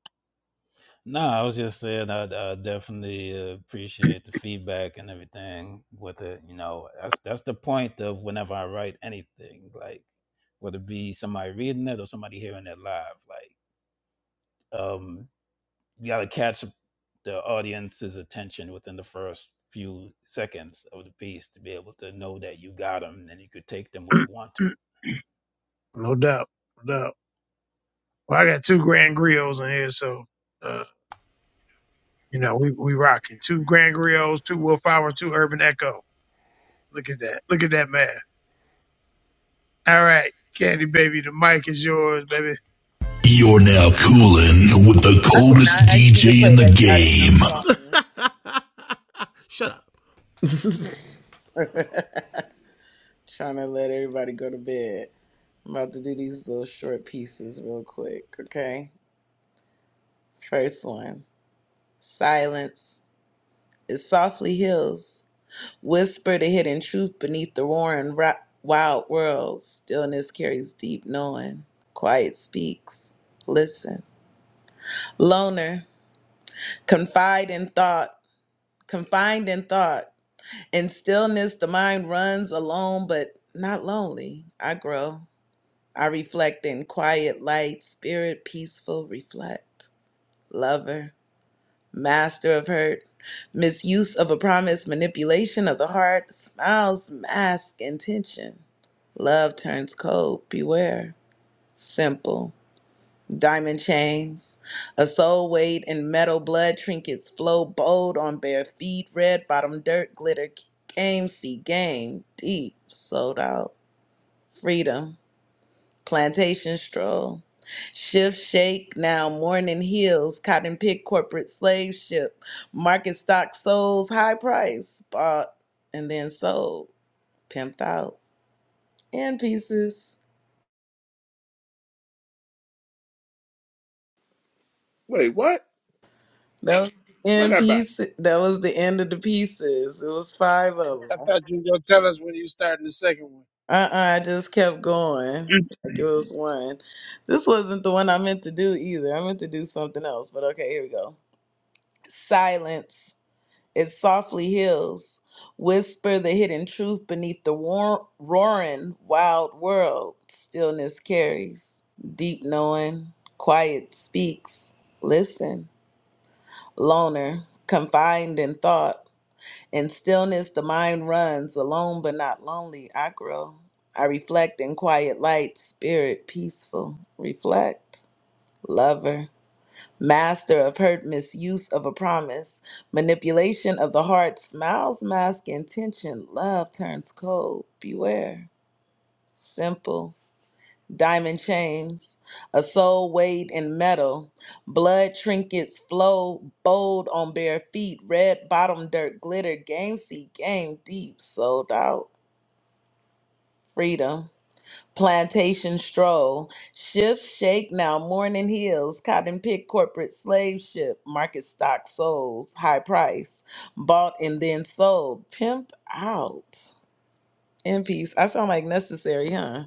no, I was just saying I, I definitely uh, appreciate the feedback and everything with it. You know, that's that's the point of whenever I write anything, like whether it be somebody reading it or somebody hearing it live, like. Um, you got to catch the audience's attention within the first few seconds of the piece to be able to know that you got them and you could take them where you want to.
<clears throat> no doubt, no doubt. Well, I got two Grand Griots in here, so uh, you know we we rocking two Grand Griots, two Willpower, two Urban Echo. Look at that, look at that man. All right, Candy Baby, the mic is yours, baby.
You're now cooling with the
I did
coldest
not ask you to
DJ in
play
the
that
game.
goddamn song. <laughs> Trying to let everybody go to bed. I'm about to do these little short pieces real quick, okay? First one Silence. It softly heals. Whisper the hidden truth beneath the roaring ro- wild world. Stillness carries deep knowing. Quiet speaks. Listen. Loner. Confide in thought. Confined in thought. In stillness, the mind runs alone, but not lonely. I grow. I reflect in quiet light, spirit peaceful, reflect. Lover, master of hurt, misuse of a promise, manipulation of the heart, smiles mask intention. Love turns cold, beware. Simple diamond chains. A soul weighed in metal blood trinkets flow bold on bare feet, red bottom dirt glitter game see game deep sold out freedom plantation stroll shift shake now morning heels cotton pick corporate slave ship market stock souls high price bought and then sold pimped out in pieces
Wait, what?
that was
Run
in
that back.
pieces that was the end of the pieces it was five of them.
I thought you were gonna tell us when you started the second one.
Uh-uh, I just kept going. Like it was one. This wasn't the one I meant to do either. I meant to do something else, but okay, here we go. Silence. It softly heals. Whisper the hidden truth beneath the war- roaring wild world. Stillness carries. Deep knowing. Quiet speaks. Listen. Loner. Confined in thought in stillness, the mind runs, alone but not lonely. I grow. I reflect in quiet light, spirit peaceful. Reflect, lover, master of hurt, misuse of a promise, manipulation of the heart, smiles mask intention, love turns cold. Beware. Simple diamond chains, a soul weighed in metal, blood trinkets flow bold on bare feet, red bottom dirt glitter, game seat, game deep, sold out, freedom. Plantation stroll, shift, shake now, morning hills, cotton pick, corporate slave ship, market stock souls, high price, bought and then sold, pimped out. In peace. I sound like necessary, huh?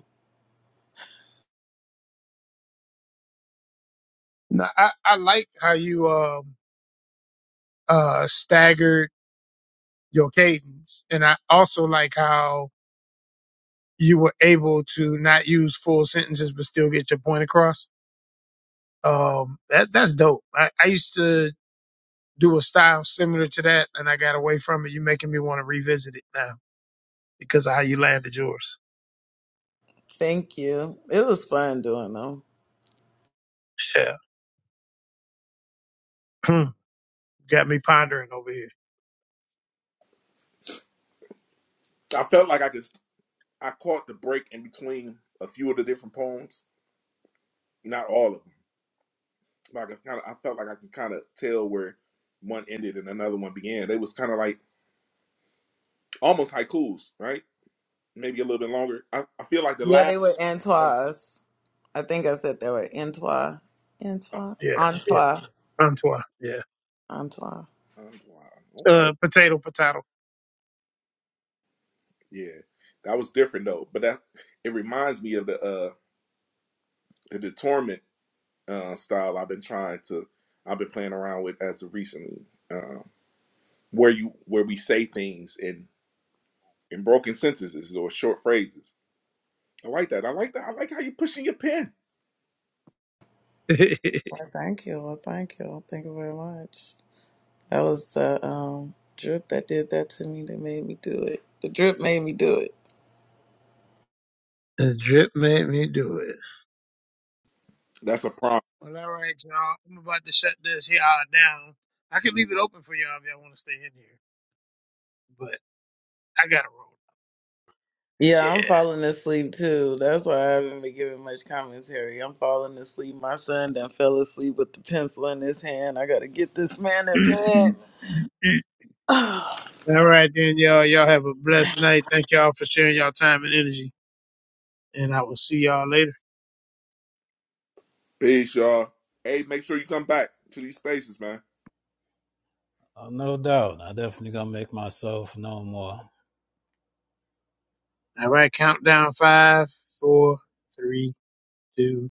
No, I, I like how you um uh staggered your cadence, and I also like how you were able to not use full sentences but still get your point across. Um, that that's dope. I, I used to do a style similar to that, and I got away from it. You're making me want to revisit it now because of how you landed yours.
Thank you. It was fun doing them.
Yeah, Hmm. got me pondering over here.
I felt like I could I caught the break in between a few of the different poems. Not all of them like I kind of I felt like I could kind of tell where one ended and another one began. They was kind of like almost haikus, right? Maybe a little bit longer. I, I feel like the
Yeah,
last.
they were
Oh,
Antois. I think I said they were Antois.
oh,
Antois?
Yeah, yeah,
Antois.
Antoine. Yeah,
Antois.
I'm- wow, okay,
uh, potato, potato.
yeah, that was different though. But that it reminds me of the uh the, the torment uh, style I've been trying to I've been playing around with as of recently, uh, where you where we say things in in broken sentences or short phrases. I like that. I like that. I like how you pushing your pen.
<laughs>
Well, thank you. Well, thank you. Thank you very much. That was the um, drip that did that to me that made me do it. The drip made me do it.
Drip made me do it.
That's a prompt.
Well, all right, y'all. I'm about to shut this here down. I can leave it open for y'all if y'all want to stay in here, but I gotta roll.
Yeah, I'm
Yeah.
falling asleep too. That's why I haven't been giving much commentary. I'm falling asleep. My son done fell asleep with the pencil in his hand. I gotta get this man in bed.
<clears throat>
<sighs>
all right then, y'all. Y'all have a blessed night. Thank y'all for sharing y'all time and energy, and I will see y'all later.
Peace, y'all. Hey, make sure you come back to these spaces, man.
Oh, no doubt. I definitely gonna make myself known more.
All right, countdown five, four, three, two.